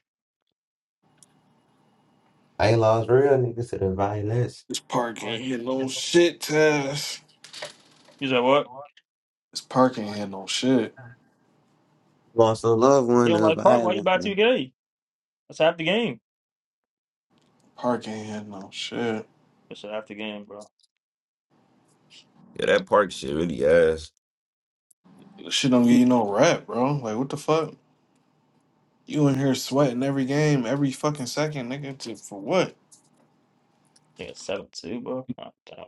I ain't lost real niggas to the violence. This park ain't hit no shit, Tess. You said what? This park ain't hit no shit. Lost a loved You one don't to like Park? Why you violence. buy two Yeah, games? That's half the game. Park ain't hit no shit. That's half the game, bro. that park shit really ass. This shit don't give you no rap, bro. Like, what the fuck? You in here sweating every game, every fucking second, nigga. To, for what? think it's seven two, bro. Oh, damn.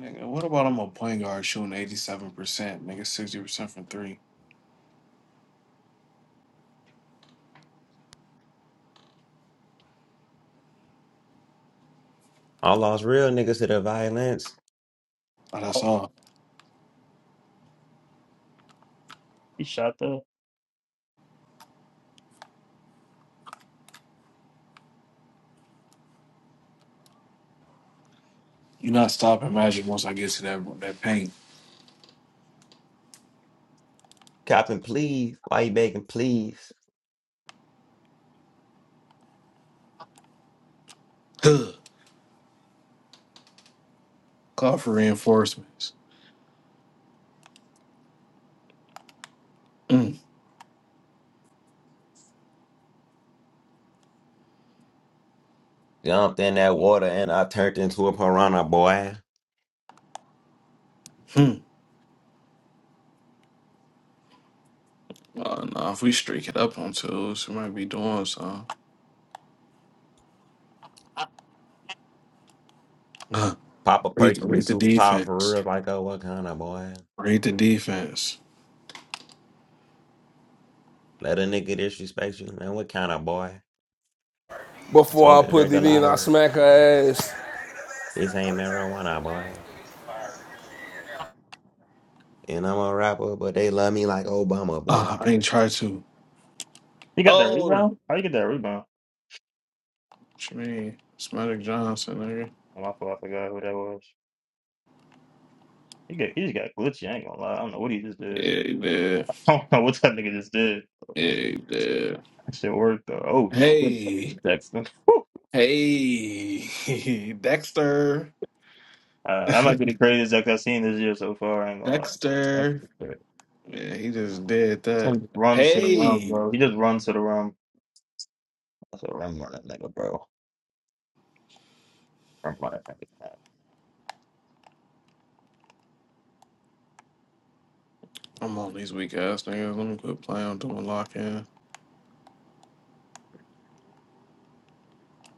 Nigga, what about I'm a point guard shooting 87%, nigga, 60% from three? I lost real niggas to the violence. Oh, that's Oh, all. he shot though. you not stopping Magic once I get to that that paint. Copping, please. Why you begging, please? Huh. Call for reinforcements. Mm-hmm. Jumped in that water and I turned into a piranha, boy. Uh, nah, if we streak it up on twos, we might be doing something. Huh. Papa Read, Perky get read the super power for defense. real, like oh, what kind of boy. Read the defense. Let a nigga disrespect you, man. What kind of boy? Before I Smoking put it in, I regalado. smack her ass. This ain't marijuana, boy. And I'm a rapper, but they love me like Obama, boy. Ah, I ain't try to. He got that Oh! rebound. How you get that rebound? What you mean? It's Magic Johnson, nigga. Oh, my fault. I forgot who that was. He got he just got glitchy. I ain't gonna lie. I don't know what he just Yeah, did. he did. (laughs) I don't know what that nigga just did. Yeah, he did. That shit worked though. Oh shit, Hey! Jackson. (laughs) Whew. Hey! (laughs) Dexter! Uh, I might be the craziest Jackson I've seen this year so far. I ain't gonna lie. That's Dexter. some shit. Yeah, he just did This that. nigga just runs to the rim, Hey, bro. He just runs to the rim. That's a rim running nigga, bro. Rim running nigga. Man. I'm on these weak ass niggas. Let me quit playing. I'm doing lock in.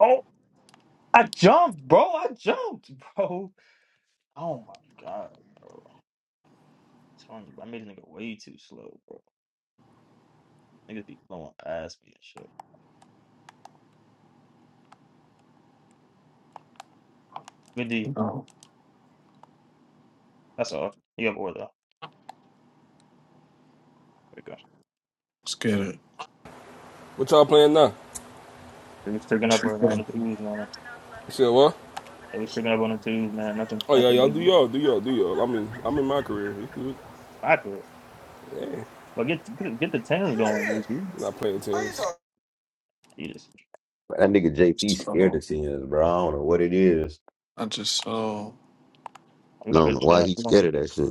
Oh, I jumped, bro. I jumped, (laughs) bro. Oh my god, bro. telling you, I made a nigga way too slow, bro. Niggas be blowing ass me and shit. Good D, Oh, that's all. You got have though. There we go. let's get it. What y'all playing now? They was tricking up right on Okay. the twos, man. You said what? They was tricking up on the twos, man. Nothing, Oh yeah, nothing y'all do really y'all, do y'all, do y'all. I'm in I'm in my career. accurate. Yeah. But get get, get the tens going, JC. Not playing tennis. He But that nigga JT scared So of sins, bro. I don't know what it is. I just saw we I gonna don't get a know why shot. he's We gonna scared get of a that shit.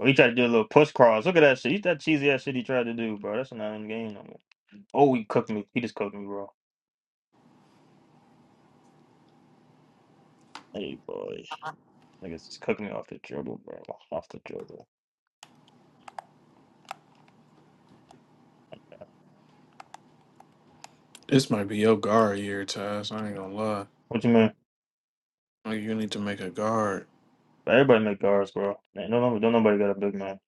Oh, he tried to do a little push cross. Look at that shit. He's that cheesy ass shit he tried to do, bro. That's not in the game no more. Oh, he cooked me. He just cooked me, bro. Hey, boy. Niggas just cooked me off the dribble, bro. Off the dribble. this might be your guard year, Taz. I ain't gonna lie. What you mean? Like you need to make a guard. Everybody make ours, bro. Man, no, no, don't nobody got a big man.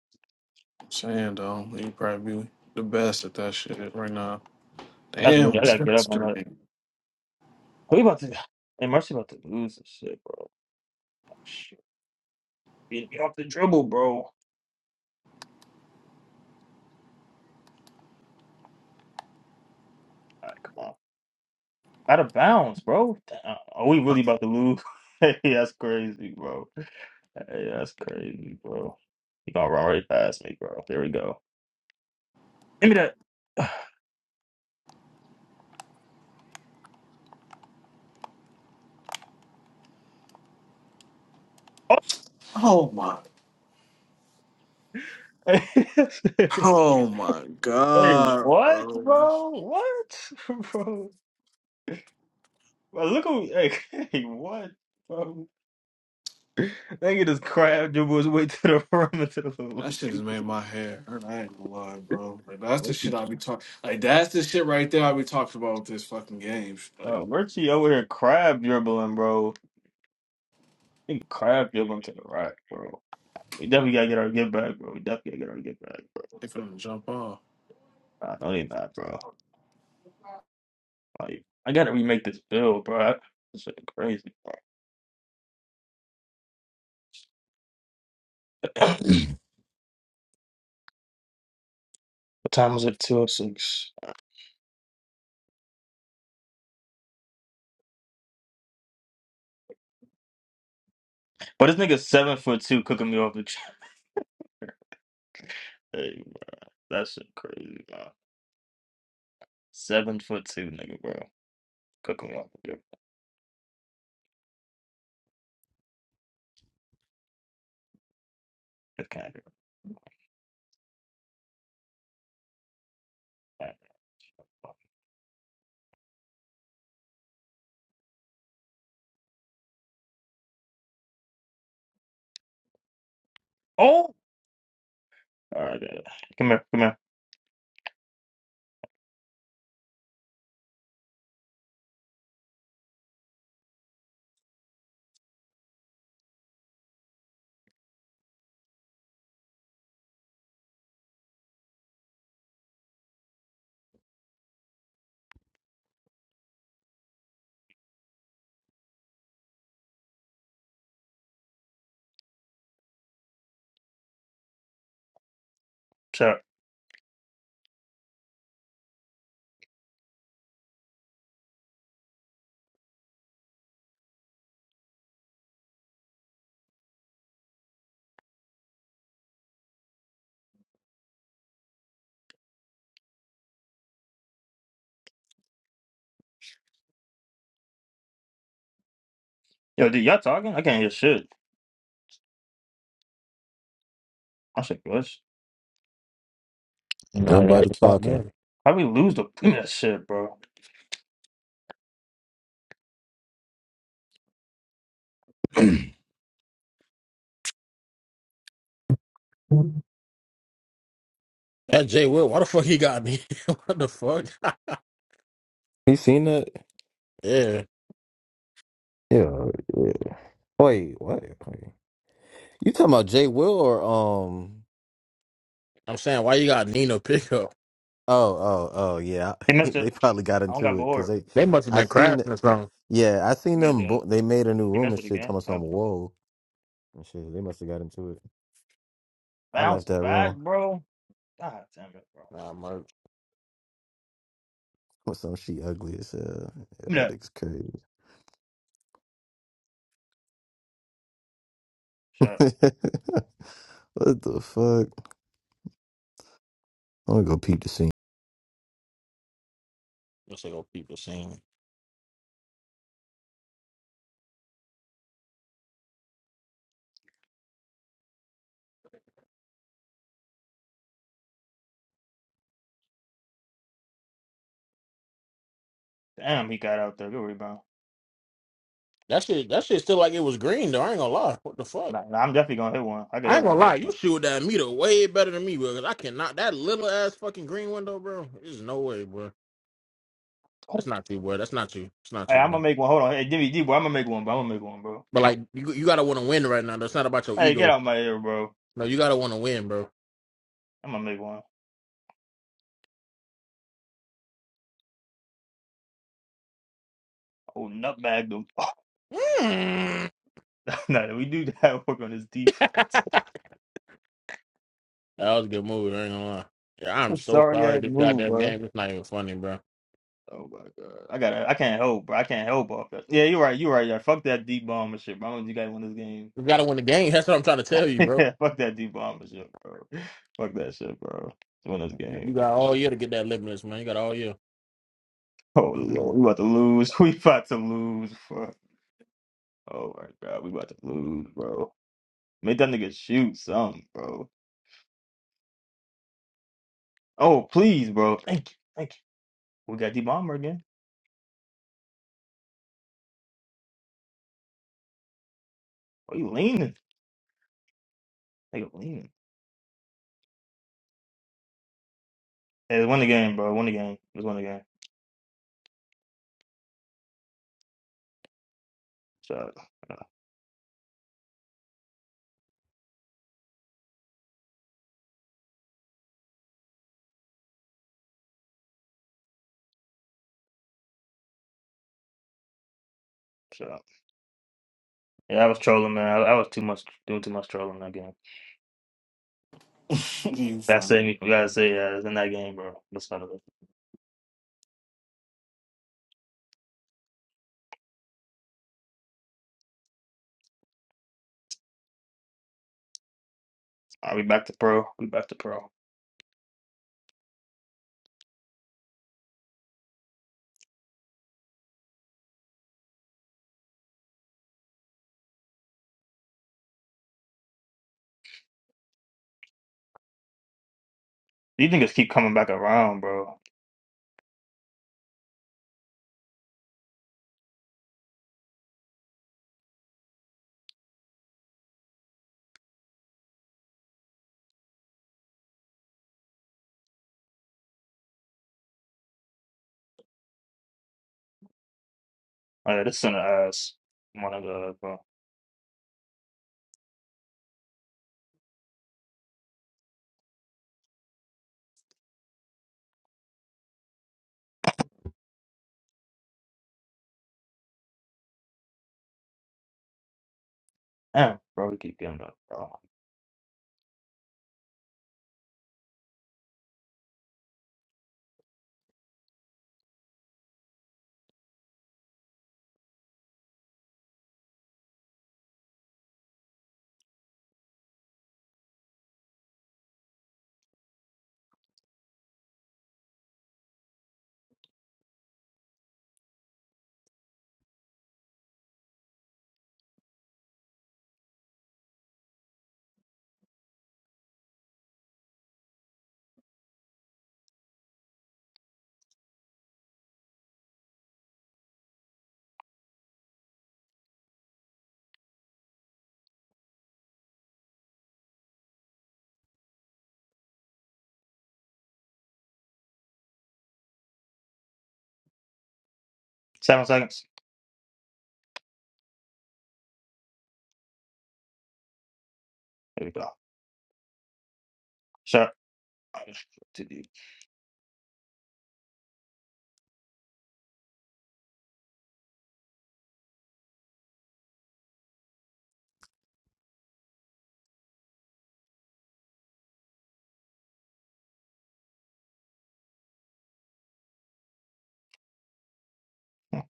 I'm saying though, you probably be the best at that shit right now. That's me. Damn, I was gotta get that up on that. stream? Who you about to? Hey, Mercy about to lose this shit, bro. Oh, Shit, beat me off the dribble, bro. All right, come on, out of bounds, bro. Damn. Are we really about to lose? (laughs) hey, that's crazy, bro. Hey, that's crazy, bro. You gonna run right past me, bro? There we go. Give me that. (sighs) Oh my, Oh. (laughs) oh my hey, god, what, bro. bro? What, (laughs) bro? Bro, Look at me. Hey, (laughs) hey, what, bro? They can just crab dribble his way to the (laughs) rim and to the That shit just made hoop. my hair hurt. I ain't gonna lie, bro. Like that's the shit I be talking. Like that's the shit right there I be talking about with this fucking game. Like Uh, Richie over here crab dribbling, bro. He crab dribbling to the right, bro. We definitely gotta get our get back, bro. We definitely gotta get our get back, bro. they finna jump off. Nah, no, they not, bro. Like, I gotta remake this build, bro. This shit crazy. Bro. What time is it? Two oh six. But this nigga seven foot two cooking me off the ch (laughs) Hey, that shit crazy, bro. Seven foot two, nigga, bro. Cooking me off the gym. It's kind of. Oh. All right, uh, come here, come here. Sorry. Yo, dude, y'all talking? I can't hear shit. I said, gosh, Now that Nobody talking. department. how we lose the give me that shit, bro? You That Jay Will, why the fuck he got me? (laughs) what the fuck? (laughs) seen that? yeah. Yeah. yeah. Wait, what? Wait. You talking about Jay Will or um? I'm saying, why you got Nino pickup? Oh, oh, oh, yeah. He (laughs) messed They it. probably got I don't got into it because bored. they. They must have I been seen. crashing or something. Yeah, I seen He made them. the Bo- they made a new he room messed and with it shit. again. Talking about I some got bored. whoa and shit. They must have got into it. I left Bounce that back, room bro. God damn it, bro. Nah, merch. (laughs) with some she ugly as hell. Yeah, Give me that that dick's crazy. (laughs) shit. what the fuck? I'm gonna go peep the scene. Let's go people seen. Damn, he got out there. Good rebound. That shit, that shit still like it was green though. I ain't gonna lie. What the fuck? Nah, nah, I'm definitely gonna hit one. I can I hit ain't one. gonna lie. You shoot that meter way better than me, bro. Cause I cannot. That little ass fucking green window, bro. There's no way, bro. That's Oh, not you, bro. That's not you. It's not Hey, you, I'm gonna man. make one. Hold on. Hey, Jimmy D, bro, I'm gonna make one, bro. I'm gonna make one, bro. But like, you, you gotta want to win right now. That's not about your Hey, get ego. out my ear, bro. No, you gotta want to win, bro. I'm gonna make one. Oh, nutbag them. Mm. (laughs) nah, we do that (laughs) work on this defense. (laughs) That was a good movie. I ain't gonna lie. Yeah, I'm (laughs) so Sorry, sorry. ass This move, goddamn bro. game. It's not even funny, bro. Oh my god, I got to I can't help, bro. I can't help off that. Yeah, you're right. You're right. Yeah, fuck that deep bomber shit, bro. I want you guys to win You gotta win the game. (laughs) That's what I'm trying to tell you, this bro. game. (laughs) fuck that deep bomber shit, bro. Fuck that shit, bro. Let's win this You game. got all year to get that limitless, man. You got all year. Oh lord, Mm. we about to lose. (laughs) We about to lose. Fuck. Oh my god, we about to lose, bro. Make that nigga shoot something, bro. Oh please, bro. Thank you, thank you. We got deep bomber again. Why you leaning? Nigga leaning. Hey, let's win the game, bro. Win the game. Let's win the game. Shut up. Shut up. Yeah, I was trolling, man. I, I was too much doing too much trolling in that game. (laughs) you That's it. funny. You gotta say, yeah, it's in that game, bro. That's none of it. Are we back to pro? We back to pro. These niggas keep coming back around, bro. Oh, yeah, this center ass. One of the bro. Damn, bro, we keep getting up, bro. Seven seconds. There we go. Shot. Too deep. (laughs)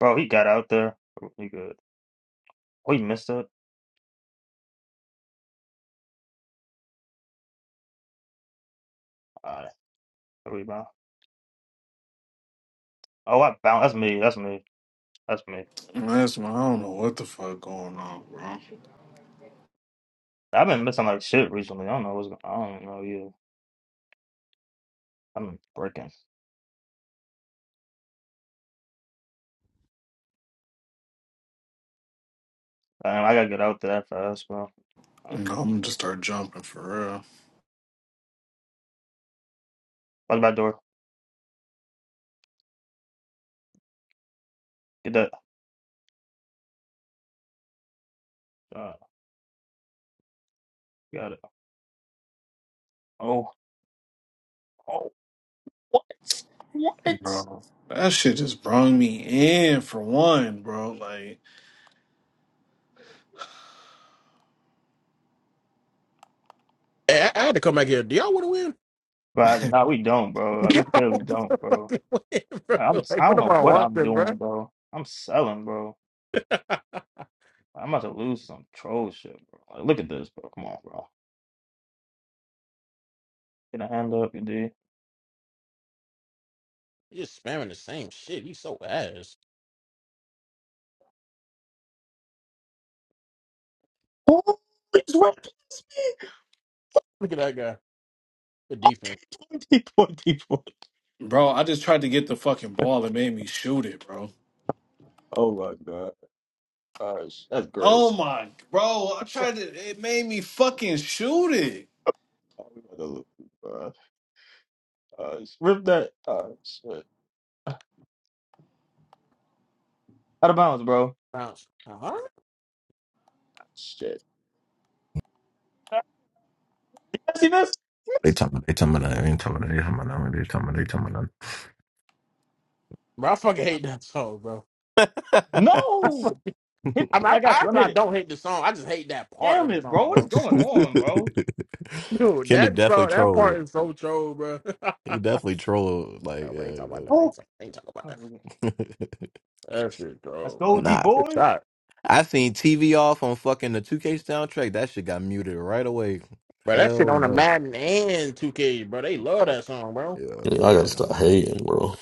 Bro, he got out there. He good. Oh, he missed it. Alright, rebound. Oh, I bounced. That's me. That's me. That's me. That's my. I don't know what the fuck going on, bro. No, I've been missing like shit recently. I don't know what's going. I don't know you. I've been breaking. Damn, I gotta get out to that fast, bro. I'm Fuck gonna just start jumping for that door. Get that. Uh, got it. Oh, oh, what? real, What? bro. That shit just brung me in for one, bro. Like, Hey, I, I had to come back here. Do y'all want to win? But no, we don't, bro. (laughs) Like, Do we y'all clearly want (laughs) to don't, bro. fucking (laughs) win, bro? Like, I'm. Like, I what don't am know I what I'm watching, bro? doing, bro. I'm selling, bro. (laughs) I'm about to lose some troll shit, bro. Like, look at this, bro. Come on, bro. Get a hand up, you D. You're spamming the same shit. He's so ass. Oh, it's right past me. Look at that guy. The Oh, defense. twenty, (laughs) twenty, twenty. bro, I just tried to get the fucking ball. It made me shoot it, bro. Oh my god. Gosh, that's great. Oh my, bro, I tried to. It made me fucking shoot it. Oh, we about to lose, bro. Uh, rip that. Oh, shit. Out of bounds, bro. Bounce. Uh-huh. Shit. Uh, See this? They This- talking. They talking about. They ain't talking. about- They talking about. They talking about. They Bro, I fucking hate that song, bro. talking about. No. Hit I mean, me. I, I got I you. I'm actually hit I it. don't hate the song. I just hate that part of Damn the it, song, bro. What is bro. going on, bro? (laughs) Dude, Kendrick that definitely song, that part trolled. is so troll, bro. (laughs) He definitely trolled. Like, No, we ain't yeah, talking about that. Ain't Oh, talk, ain't talking about all that. right, we're good. That shit, let's bro, (laughs) go, bro. D bro. Good boy. shot, I seen TV off on fucking the 2K soundtrack. That shit got muted right away. bro. That shit Hell on the no. Madden and 2K, bro. They love that song, bro. Yeah, Yeah, I gotta yeah. stop hating, bro.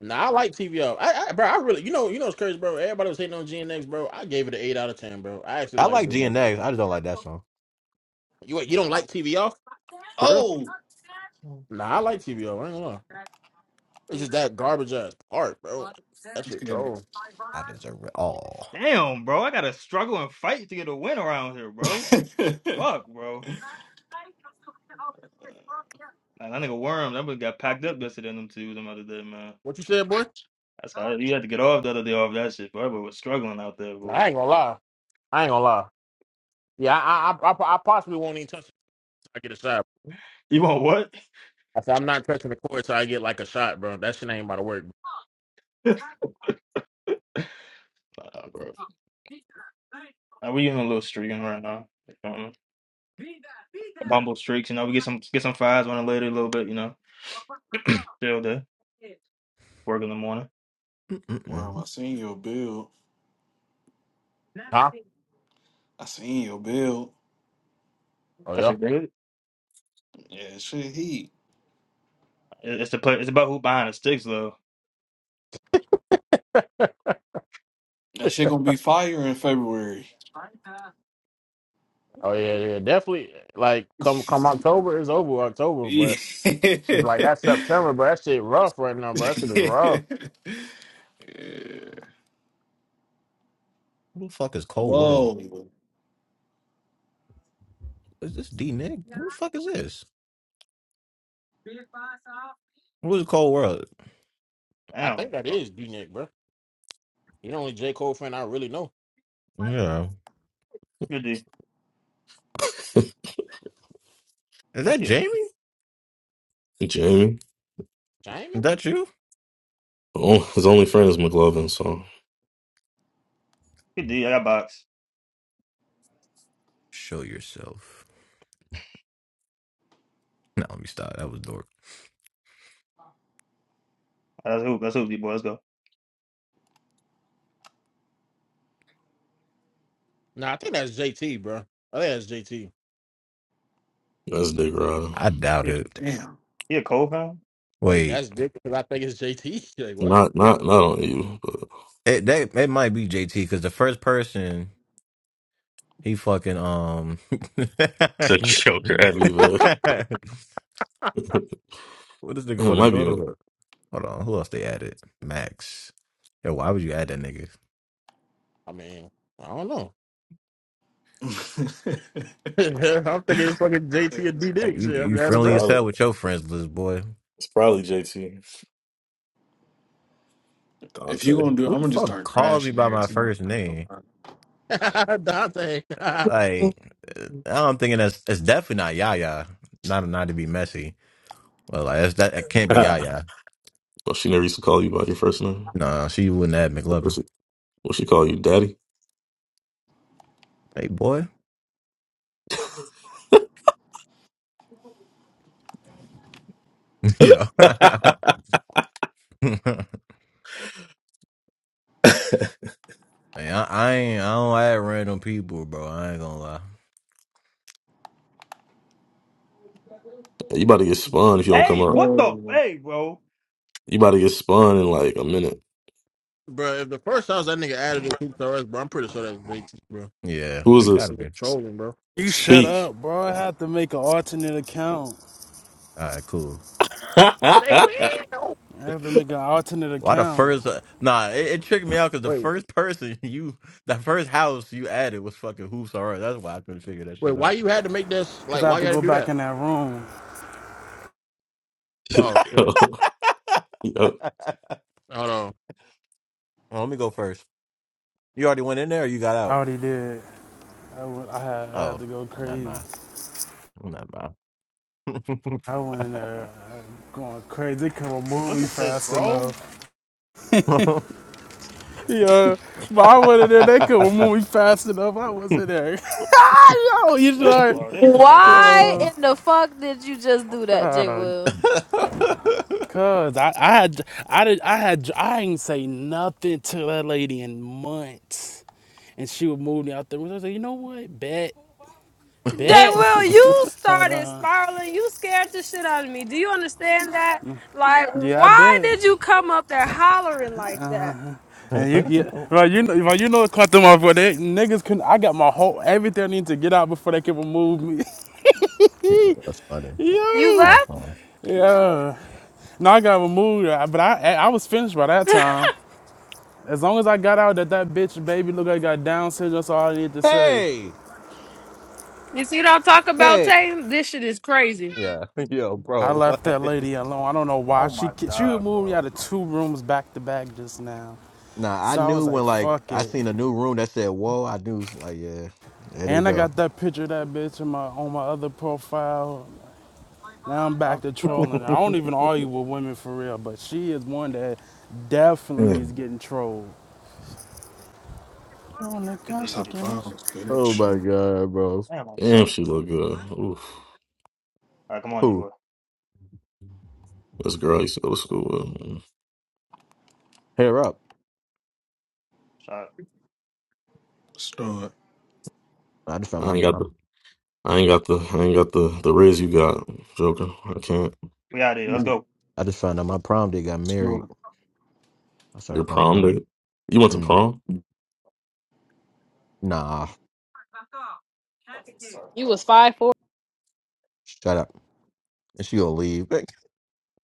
Nah, I like TVO. bro, I really, you know, you know, it's crazy, bro. Everybody was hating on GNX, bro. I gave it an eight out of ten, bro. I actually I like like it. bro. GNX. I just don't like that song. You, you don't like TVO for real? Oh. Nah, I like TVO. I ain't gonna lie. It's just that garbage ass part, bro. That Let's shit get in troll. I deserve it all. Damn, bro. I gotta struggle and fight to get a win around here, bro. here. Fuck, bro. Nah, that nigga worm. That boy got packed up yesterday. in Them two them other day, man. What you said, boy? That's how you had to get off the other day off that shit, bro. That boy was struggling out there, Nah, I boy. ain't gonna lie. I ain't gonna lie. Yeah, I, I, I, I possibly won't even touch it. until I get a shot. You want what? I said, I'm not touching the court so I get like a shot, bro. That shit ain't about to work. Nah, bro. Nah, we in a little streaking right now. Um, bumble streaks, you know. We get some get some fives on it later a little bit, you know. Still there. work in the morning. (laughs) Mm-mm-mm. Worm, I seen your build. Huh? I seen your build. Oh That's a yeah. great. Yeah, shit heat. It's the play. It's about who buying the sticks though. That shit gonna be fire in February. Oh yeah, yeah. Definitely like come (laughs) come October, it's over October, yeah. but it's like that's September, but that shit rough right now, bro. That shit is rough. Who the fuck is Cold World? Whoa. Is this D Nick? Who the fuck is this? Who is Cold World? I Damn. think that bro. is D Nick, bro. You the only J. Cole fan I really know. Yeah. Good D. Is that Aren't you? Jamie? Is Jamie. Jamie? that you? Oh, his only friend is McLovin, so Good D. I got box. Show yourself. No, let me stop. That was dork. That's who. That's who. D boy. Let's go. Nah, I think that's JT, bro. I think that's JT. that's Dick Rider. I doubt He, it. Damn. he a cold fan. Wait, Wait. that's Dick because I think it's JT. (laughs) like what? Not, not, not on you, but. It, that, it might be JT because the first person. He fucking um. (laughs) It's Joker, choker Abbeville. (laughs) it what does nigga want to might go be. to? Hold on, who else they added? Max. Yo, why would you add that nigga? I mean, I don't know. (laughs) (laughs) I'm thinking it's fucking JT and D Hey, Nick you shit. I'm you mad It's at friendly as probably. hell with your friends list, boy. It's probably JT if Dante. you gonna do Who I'm the gonna just fuck start calls me crashing by there. my It's not first like no name? line. that. (laughs) Dante. (laughs) (laughs) well, Like, uh, I'm thinking that's it's definitely not Yaya. Not not to be messy, Well, like that's, that that can't be Yaya. she never used to call you by your first name. No, she wouldn't add What's McLovin. she, what she call you, Daddy? Hey, boy. (laughs) Yo. (laughs) (laughs) Hey, I, I ain't. I don't add random people, bro. I ain't gonna lie. You about to get spun if you don't come Hey, up. what the? Whoa. Hey, bro. You about to get spun in like a minute. Bro, if the first house that nigga added is Hoop Us, bro, I'm pretty sure that's JT, bro. Yeah, Who is it this? gotta be. Nigga trolling, bro. You He shut messed Speak. up, with it. bro. I have to make an alternate account. All right, cool. (laughs) Yo, They will. I have to make an alternate Why the account. first? Uh, nah, it, it tricked me out because the Wait, first person (laughs) you, the first house you added was fucking hoops alright. That's why I couldn't figure that wait, shit why out. you had to make this? Because Like, I have why you to had to go do back that? in that room. Oh, shit. yo. (laughs) Hold on. well, let me go first. You already went in there, or you got I out? already did. I, went, I, had, I had Oh, to go oh not crazy. mine. Not mine. (laughs) I went in there uh, going crazy. They couldn't remove me Look at this, fast bro. enough. Yeah, but I went in there. They couldn't remove me fast enough. I wasn't there. (laughs) Yo, you Hey, sure? bro. This. Hey, hold on, Why bro. Bro, in the fuck did you just do that, I J. don't- (laughs) Will? Cause I, I had I did I had I didn't say nothing to that lady in months. And she would move me out the room. I was like, you know what? Bet, Jay bet. Will, you Hold started on. spiraling. You scared the shit out of me. Do you understand that? Like, Yeah, I why bet. did you come up there hollering like that? And you get right, you know, right, you know, it caught them off. But they niggas couldn't. I got my whole everything I need to get out before they can remove me. (laughs) That's funny. You Yo, That's left? funny. yeah. No, I got removed, uh, but I I was finished by that time. As long as I got out that that bitch baby look like got Down syndrome, that's all I need to say. Hey. You see what I'm talking about, Hey, Tatum? This shit is crazy. Yeah. (laughs) Yo, I bro, left what? that lady alone. I don't know why Oh she my ki- she god, removed me out bro. of two rooms back to back just now. nah, I So I was knew like, when like fuck I it. seen a new room that said "whoa," I knew like yeah, there they And I go. got that picture of that bitch in my, on my other profile. Now I'm back I'm to selling, trolling her. bro. I don't even argue with women for real, but she is one that definitely Damn, is getting trolled. I'm the only Good That's D. out contact D of in boy. it. bounds, Oh bitch. my god, bro, Damn, I'm Damn, selling. she look All good. Oof. right, come on, D who boy. This girl I used to go to school with. hair up? Shot. Let's do it. I just found I my, ain't got my the. I ain't got the. I ain't got the. The riz you got, Joker. I can't. We out here. Let's Mm, go. I just found out my prom date got Let's married. do I Your started throwing prom up. date? You went to Mm, prom? nah, it. You was five four. shut up. And she gonna leave.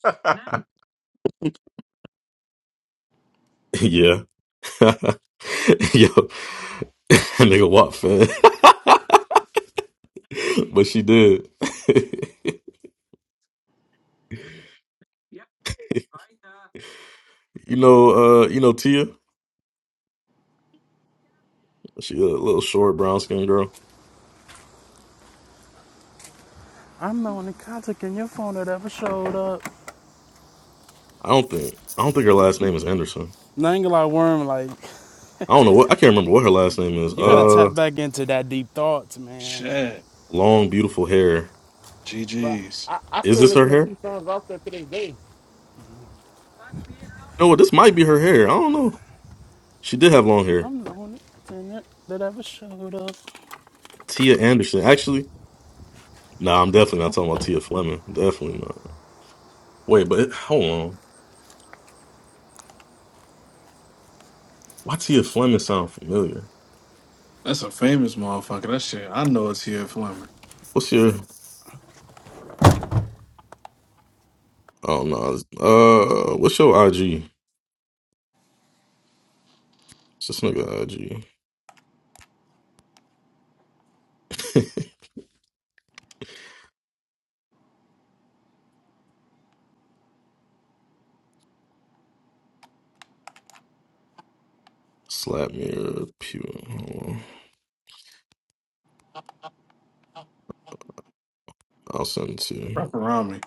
(laughs) (laughs) (laughs) yeah. (laughs) Yo, (laughs) nigga, what, fed? (laughs) but she did. (laughs) you know, uh, you know Tia. She a little short, brown skinned girl. I'm the only contact in your phone that ever showed up. I don't think. I don't think her last name is Anderson. Now, I ain't gonna lie, Worm, like, I don't know what. I can't remember what her last name is. you Hold gotta on. Uh, tap back into that deep thoughts, man. Shit. long, beautiful hair. Bro, GG's. I, I Is still this her listen to hair? You two songs off there to this day. know what? This might be her hair. I don't know. She did have long hair. I'm the only contact that ever showed up. Tia Anderson. Actually, nah, I'm definitely not talking about Tia Fleming. Definitely not. Wait, but it- hold on. Why Tia Fleming sound familiar? That's a famous motherfucker. That shit, I know it's here, Fleming. What's your? Oh no. Uh, what's your IG? It's this nigga IG. (laughs) Slap me or pew. Hold on. I'll send it to you. Wrap around me.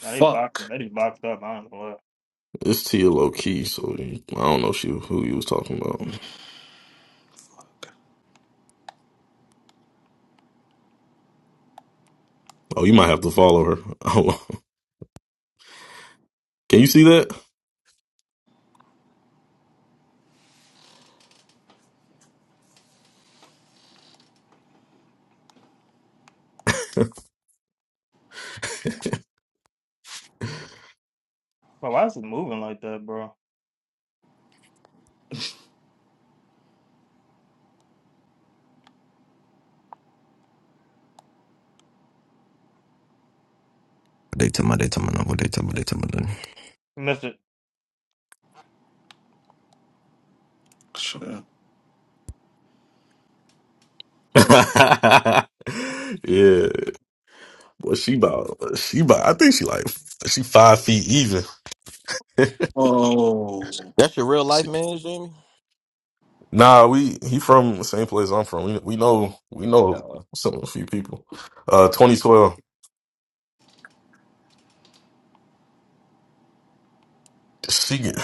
Now they boxing. They just boxed up. I don't know. It's Tia low key, so I don't know she who you was talking about. Oh, you might have to follow her. (laughs) Hold on. Can you see that? Bro, why is it moving like that, bro? They tell me, they tell me, no, what they tell me, they tell me. no. You missed it. Shit. (laughs) yeah. What she about? She about? I think she like she five feet even. (laughs) Oh. That's your real life man, Jamie? Nah, we he from the same place I'm from. We we know we Yeah. know some a few people. Uh, 2012, she get-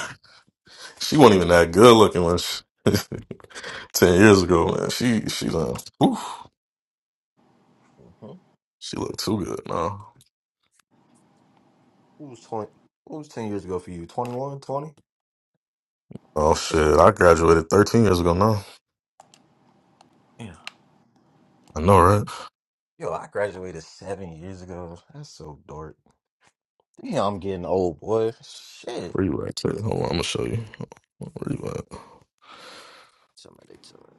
(laughs) she wasn't even that good looking when she, (laughs) ten years ago, man. She she done, oof, hmm she looked too good now. Who was 20? Who was 10 years ago for you? 21, 20. Oh shit, I graduated 13 years ago now. Yeah. I know, right? Yo, I graduated seven years ago. That's so dark. Damn, I'm getting old, boy. Shit. Where you at? Too? Hold on, I'm gonna show you. Where you at? Man, Somebody tell me.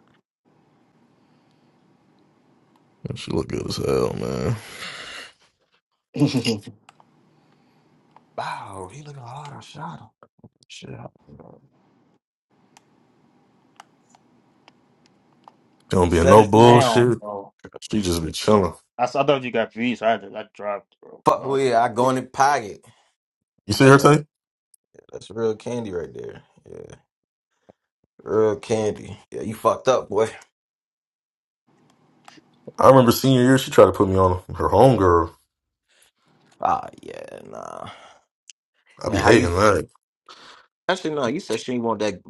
She look good as hell, man. She (laughs) Wow, he looking hard. I shot him. Shit. don't be in Set no as you will. Damn, bullshit. bro. She just be chilling. I, s- I thought you got beats. I had to, I dropped, bro. Fuck Fuck. with it. I go in the pocket. You see her God, take? that's real candy right there. Yeah. Real candy. Yeah, you fucked up, boy. I remember senior year, she tried to put me on her homegirl. Ah, yeah, nah. I And be how you. hating that. Actually, no, you said she ain't want that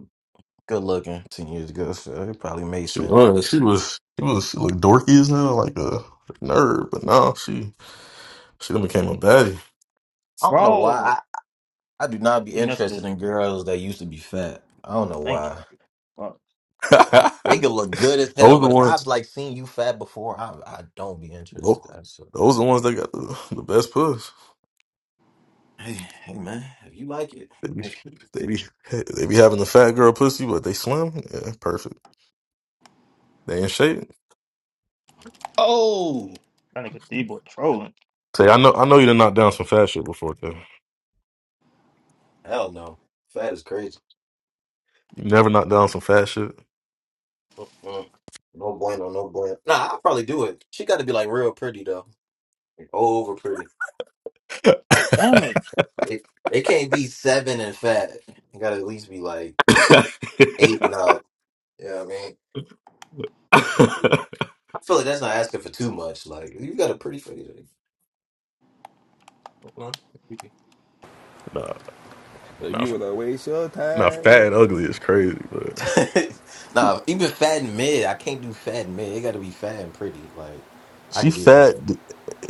good looking 10 years ago, so it probably made She sense. was. She was. She was. She looked dorky as hell, like a nerd. But no, she she done became a baddie. I don't know Bro! why. I, I do not be You missed interested this. in girls that used to be fat. I don't know Thank why. you. Fuck. They (laughs) could look good as hell, those the but if I've ones. like seen you fat before, I I don't be Those, interested. those the ones that got the, the best puss. Hey, hey man, if you like it, They be, hey, they be they be having the fat girl pussy, but they slim. Yeah, perfect. They in shape. oh. That nigga D-boy trolling. Say, I know I know you done knocked down some fat shit before, though. (laughs) hell no. Fat is crazy. You never knocked down some fat shit. Mm-mm. No bueno, no bueno. Nah, I'll probably do it. She got to be like real pretty though, like, over pretty. Damn it. It, it can't be seven and fat. You got to at least be like (laughs) eight and up. You know what I mean? (laughs) I feel like that's not asking for too much. Like you got a pretty face. like, no, nah, If nah, you wanna waste your nah. time. Fat and ugly is crazy, but. (laughs) nah, even fat and mid, I can't do fat and mid. It got to be fat and pretty. Like I She could do that. fat.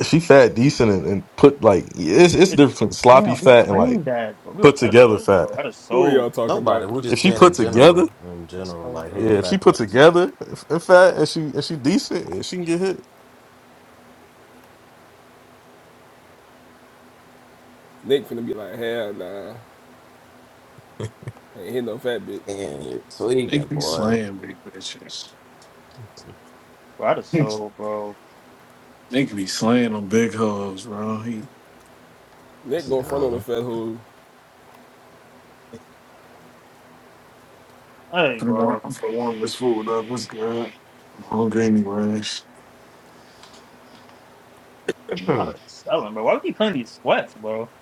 She fat decent and, and put like it's it's it. different between sloppy Damn, we fat and like drained that, bro. We put got that together soul, fat. bro. I just Who are y'all sold. talking Nobody. about? We're If just she saying put in together, general, in general, Bro, like hating yeah, if she facts. put together if- and fat and she and she decent and she can get hit. Nick finna be like, hell nah. Ain't hit no fat bitch. And you're They tweaking, could be boy. slaying big bitches. I (laughs) just they sold, bro. could be slaying on big hoes, bro. He Nick go front on the Yeah, Fed Hood. Hey, finna warm, bro. I'm finna warm this food up. What's good? I'm hungry anyways. (clears throat) I'm selling, bro. Why would you playing these sweats, bro?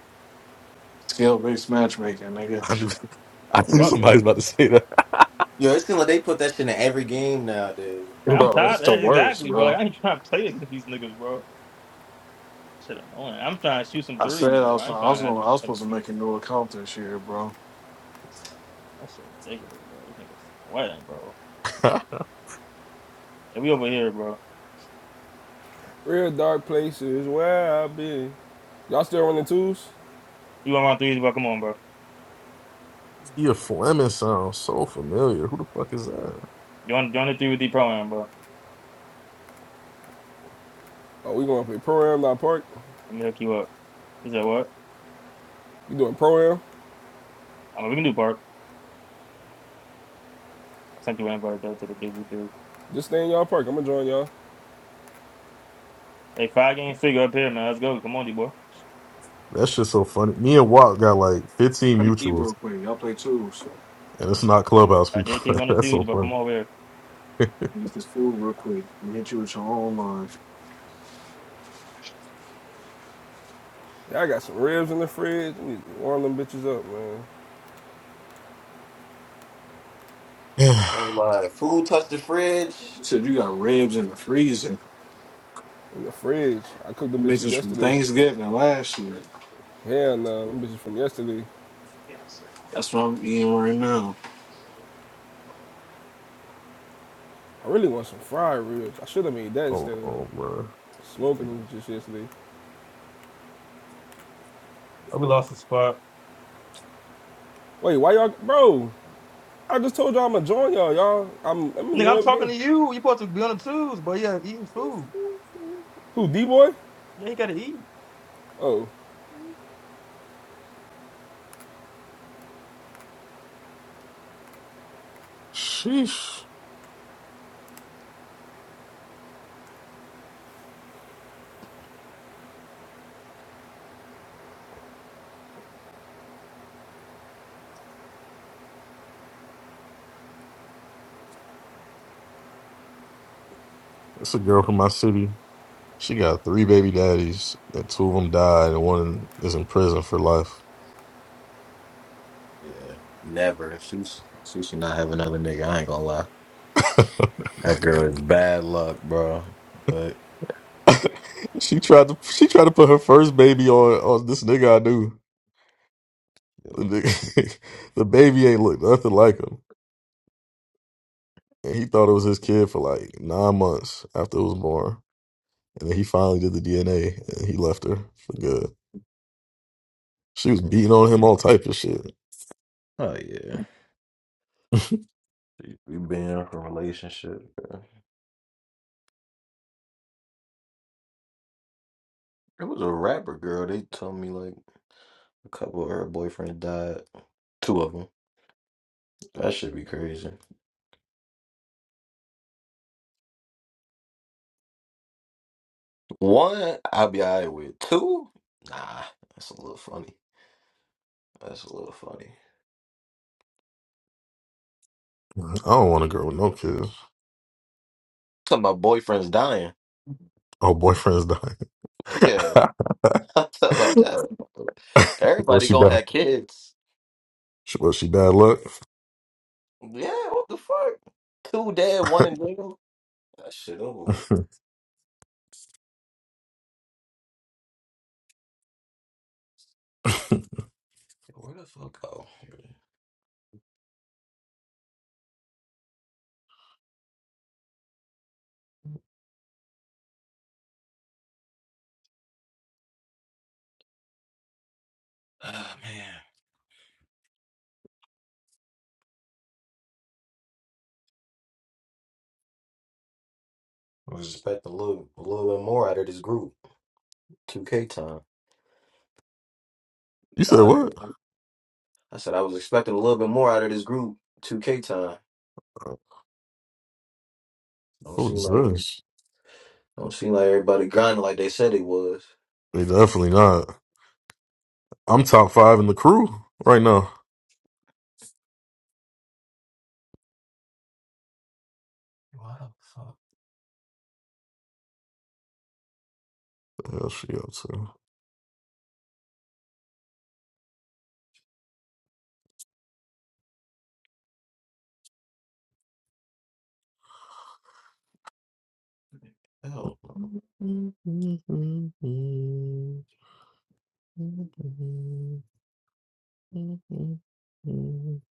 Scale based matchmaking, nigga. I knew (laughs) I Oh, knew fuck. (laughs) Like, somebody's about to say that. Yo, it seems like they put that shit in every game nowadays. I'm Bro, tired it's of the that. worst, Exactly, bro. Like, bro. I ain't trying to play against these niggas, bro. Shit, annoying. I'm trying to shoot some I said threes, I bro. was I I ain't was trying gonna I was supposed to to. make a new account this year, bro. That's ridiculous, bro. This nigga's sweating, bro. And we over here, bro. Real dark places where I been. Y'all still running twos? You want my threes, bro? Come on, bro. (laughs) Tia Fleming sounds so familiar. Who the fuck is that? Join, join the three with the program, bro. Oh, we gonna play pro am, not park. Let me hook you up. He said, what? You doing pro am? I'm like, we can do Park. I sent you an invite, though, to the big dude. Just stay in y'all park. I'ma join y'all. Hey, five game figure up here, man. Let's go. Come on, D-boy. That shit's so funny. Me and Walt got like 15 Finna eat mutuals, real quick. Y'all play twos. and it's not clubhouse I people. did keep on (laughs) the That's twos, so but funny. come over here. Eat this food real quick and hit you with your own line. Yeah, I got some ribs in the fridge. We need warm them bitches up, man. (sighs) Talking about food touch the fridge. You said you got ribs in the freezer. In the fridge. I cooked them bitches Bitches from yesterday. Thanksgiving last year. Hell no, Yeah, them bitches from yesterday. That's what I'm eating right now. I really want some fried ribs. I should have made that oh, instead of oh, bro. smoking Like, them just yesterday. Oh, we lost the spot. Wait, why y'all, bro? I just told y'all I'ma join y'all, y'all. I'm, I'm in the Nigga, middle I'm of the talking game. to you. You supposed to be on the twos, but yeah, eating food. Who D boy? Yeah, you gotta eat. Oh. Sheesh. That's a girl from my city. She got three baby daddies, and two of them died, and one is in prison for life. yeah. never. She sh- she should not have another nigga. I ain't gonna lie. That girl is bad luck, bro. But (laughs) she tried to she tried to put her first baby on on this nigga I knew. The yo, nigga, (laughs) the baby ain't look nothing like him, and he thought it was his kid for like nine months after it was born, and then he finally did the DNA, and he left her for good. She was mm, beating on him all type of shit. oh yeah, (laughs) I She- we been in a relationship. bro. It was a rapper girl. They told me like a couple of her boyfriends died. Two of them. That should be crazy. One, I'll be all right with. Two, nah, that's a little funny. That's a little funny. don't want a girl with no kids. Talking about boyfriends dying. Oh, boyfriend's dying. Yeah, (laughs) I'm talking about that. (laughs) was Everybody she gonna bad? have kids. Was she bad luck? Yeah, what the fuck? Two dead, (laughs) one in jail. That shit over with. (laughs) Where the fuck go? Ah man, I was expecting a little, a little bit more out of this group. 2K time. you said God, what? I said I was expecting a little bit more out of this group. 2K time. Don't What seem is like this? don't seem like everybody grinding like they said it was. They definitely not. I'm top five in the crew right now. Wow, fuck. Yeah, she up Hell. too.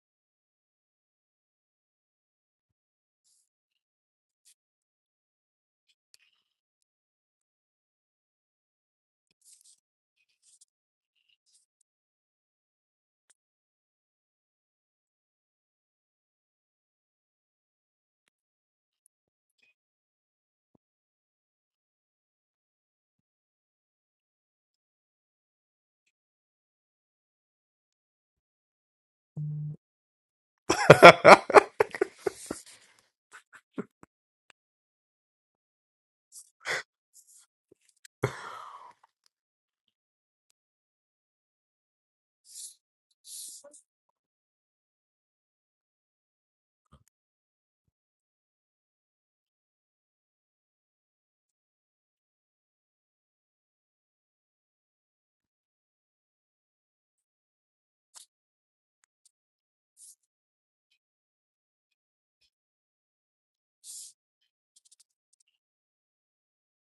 (laughs)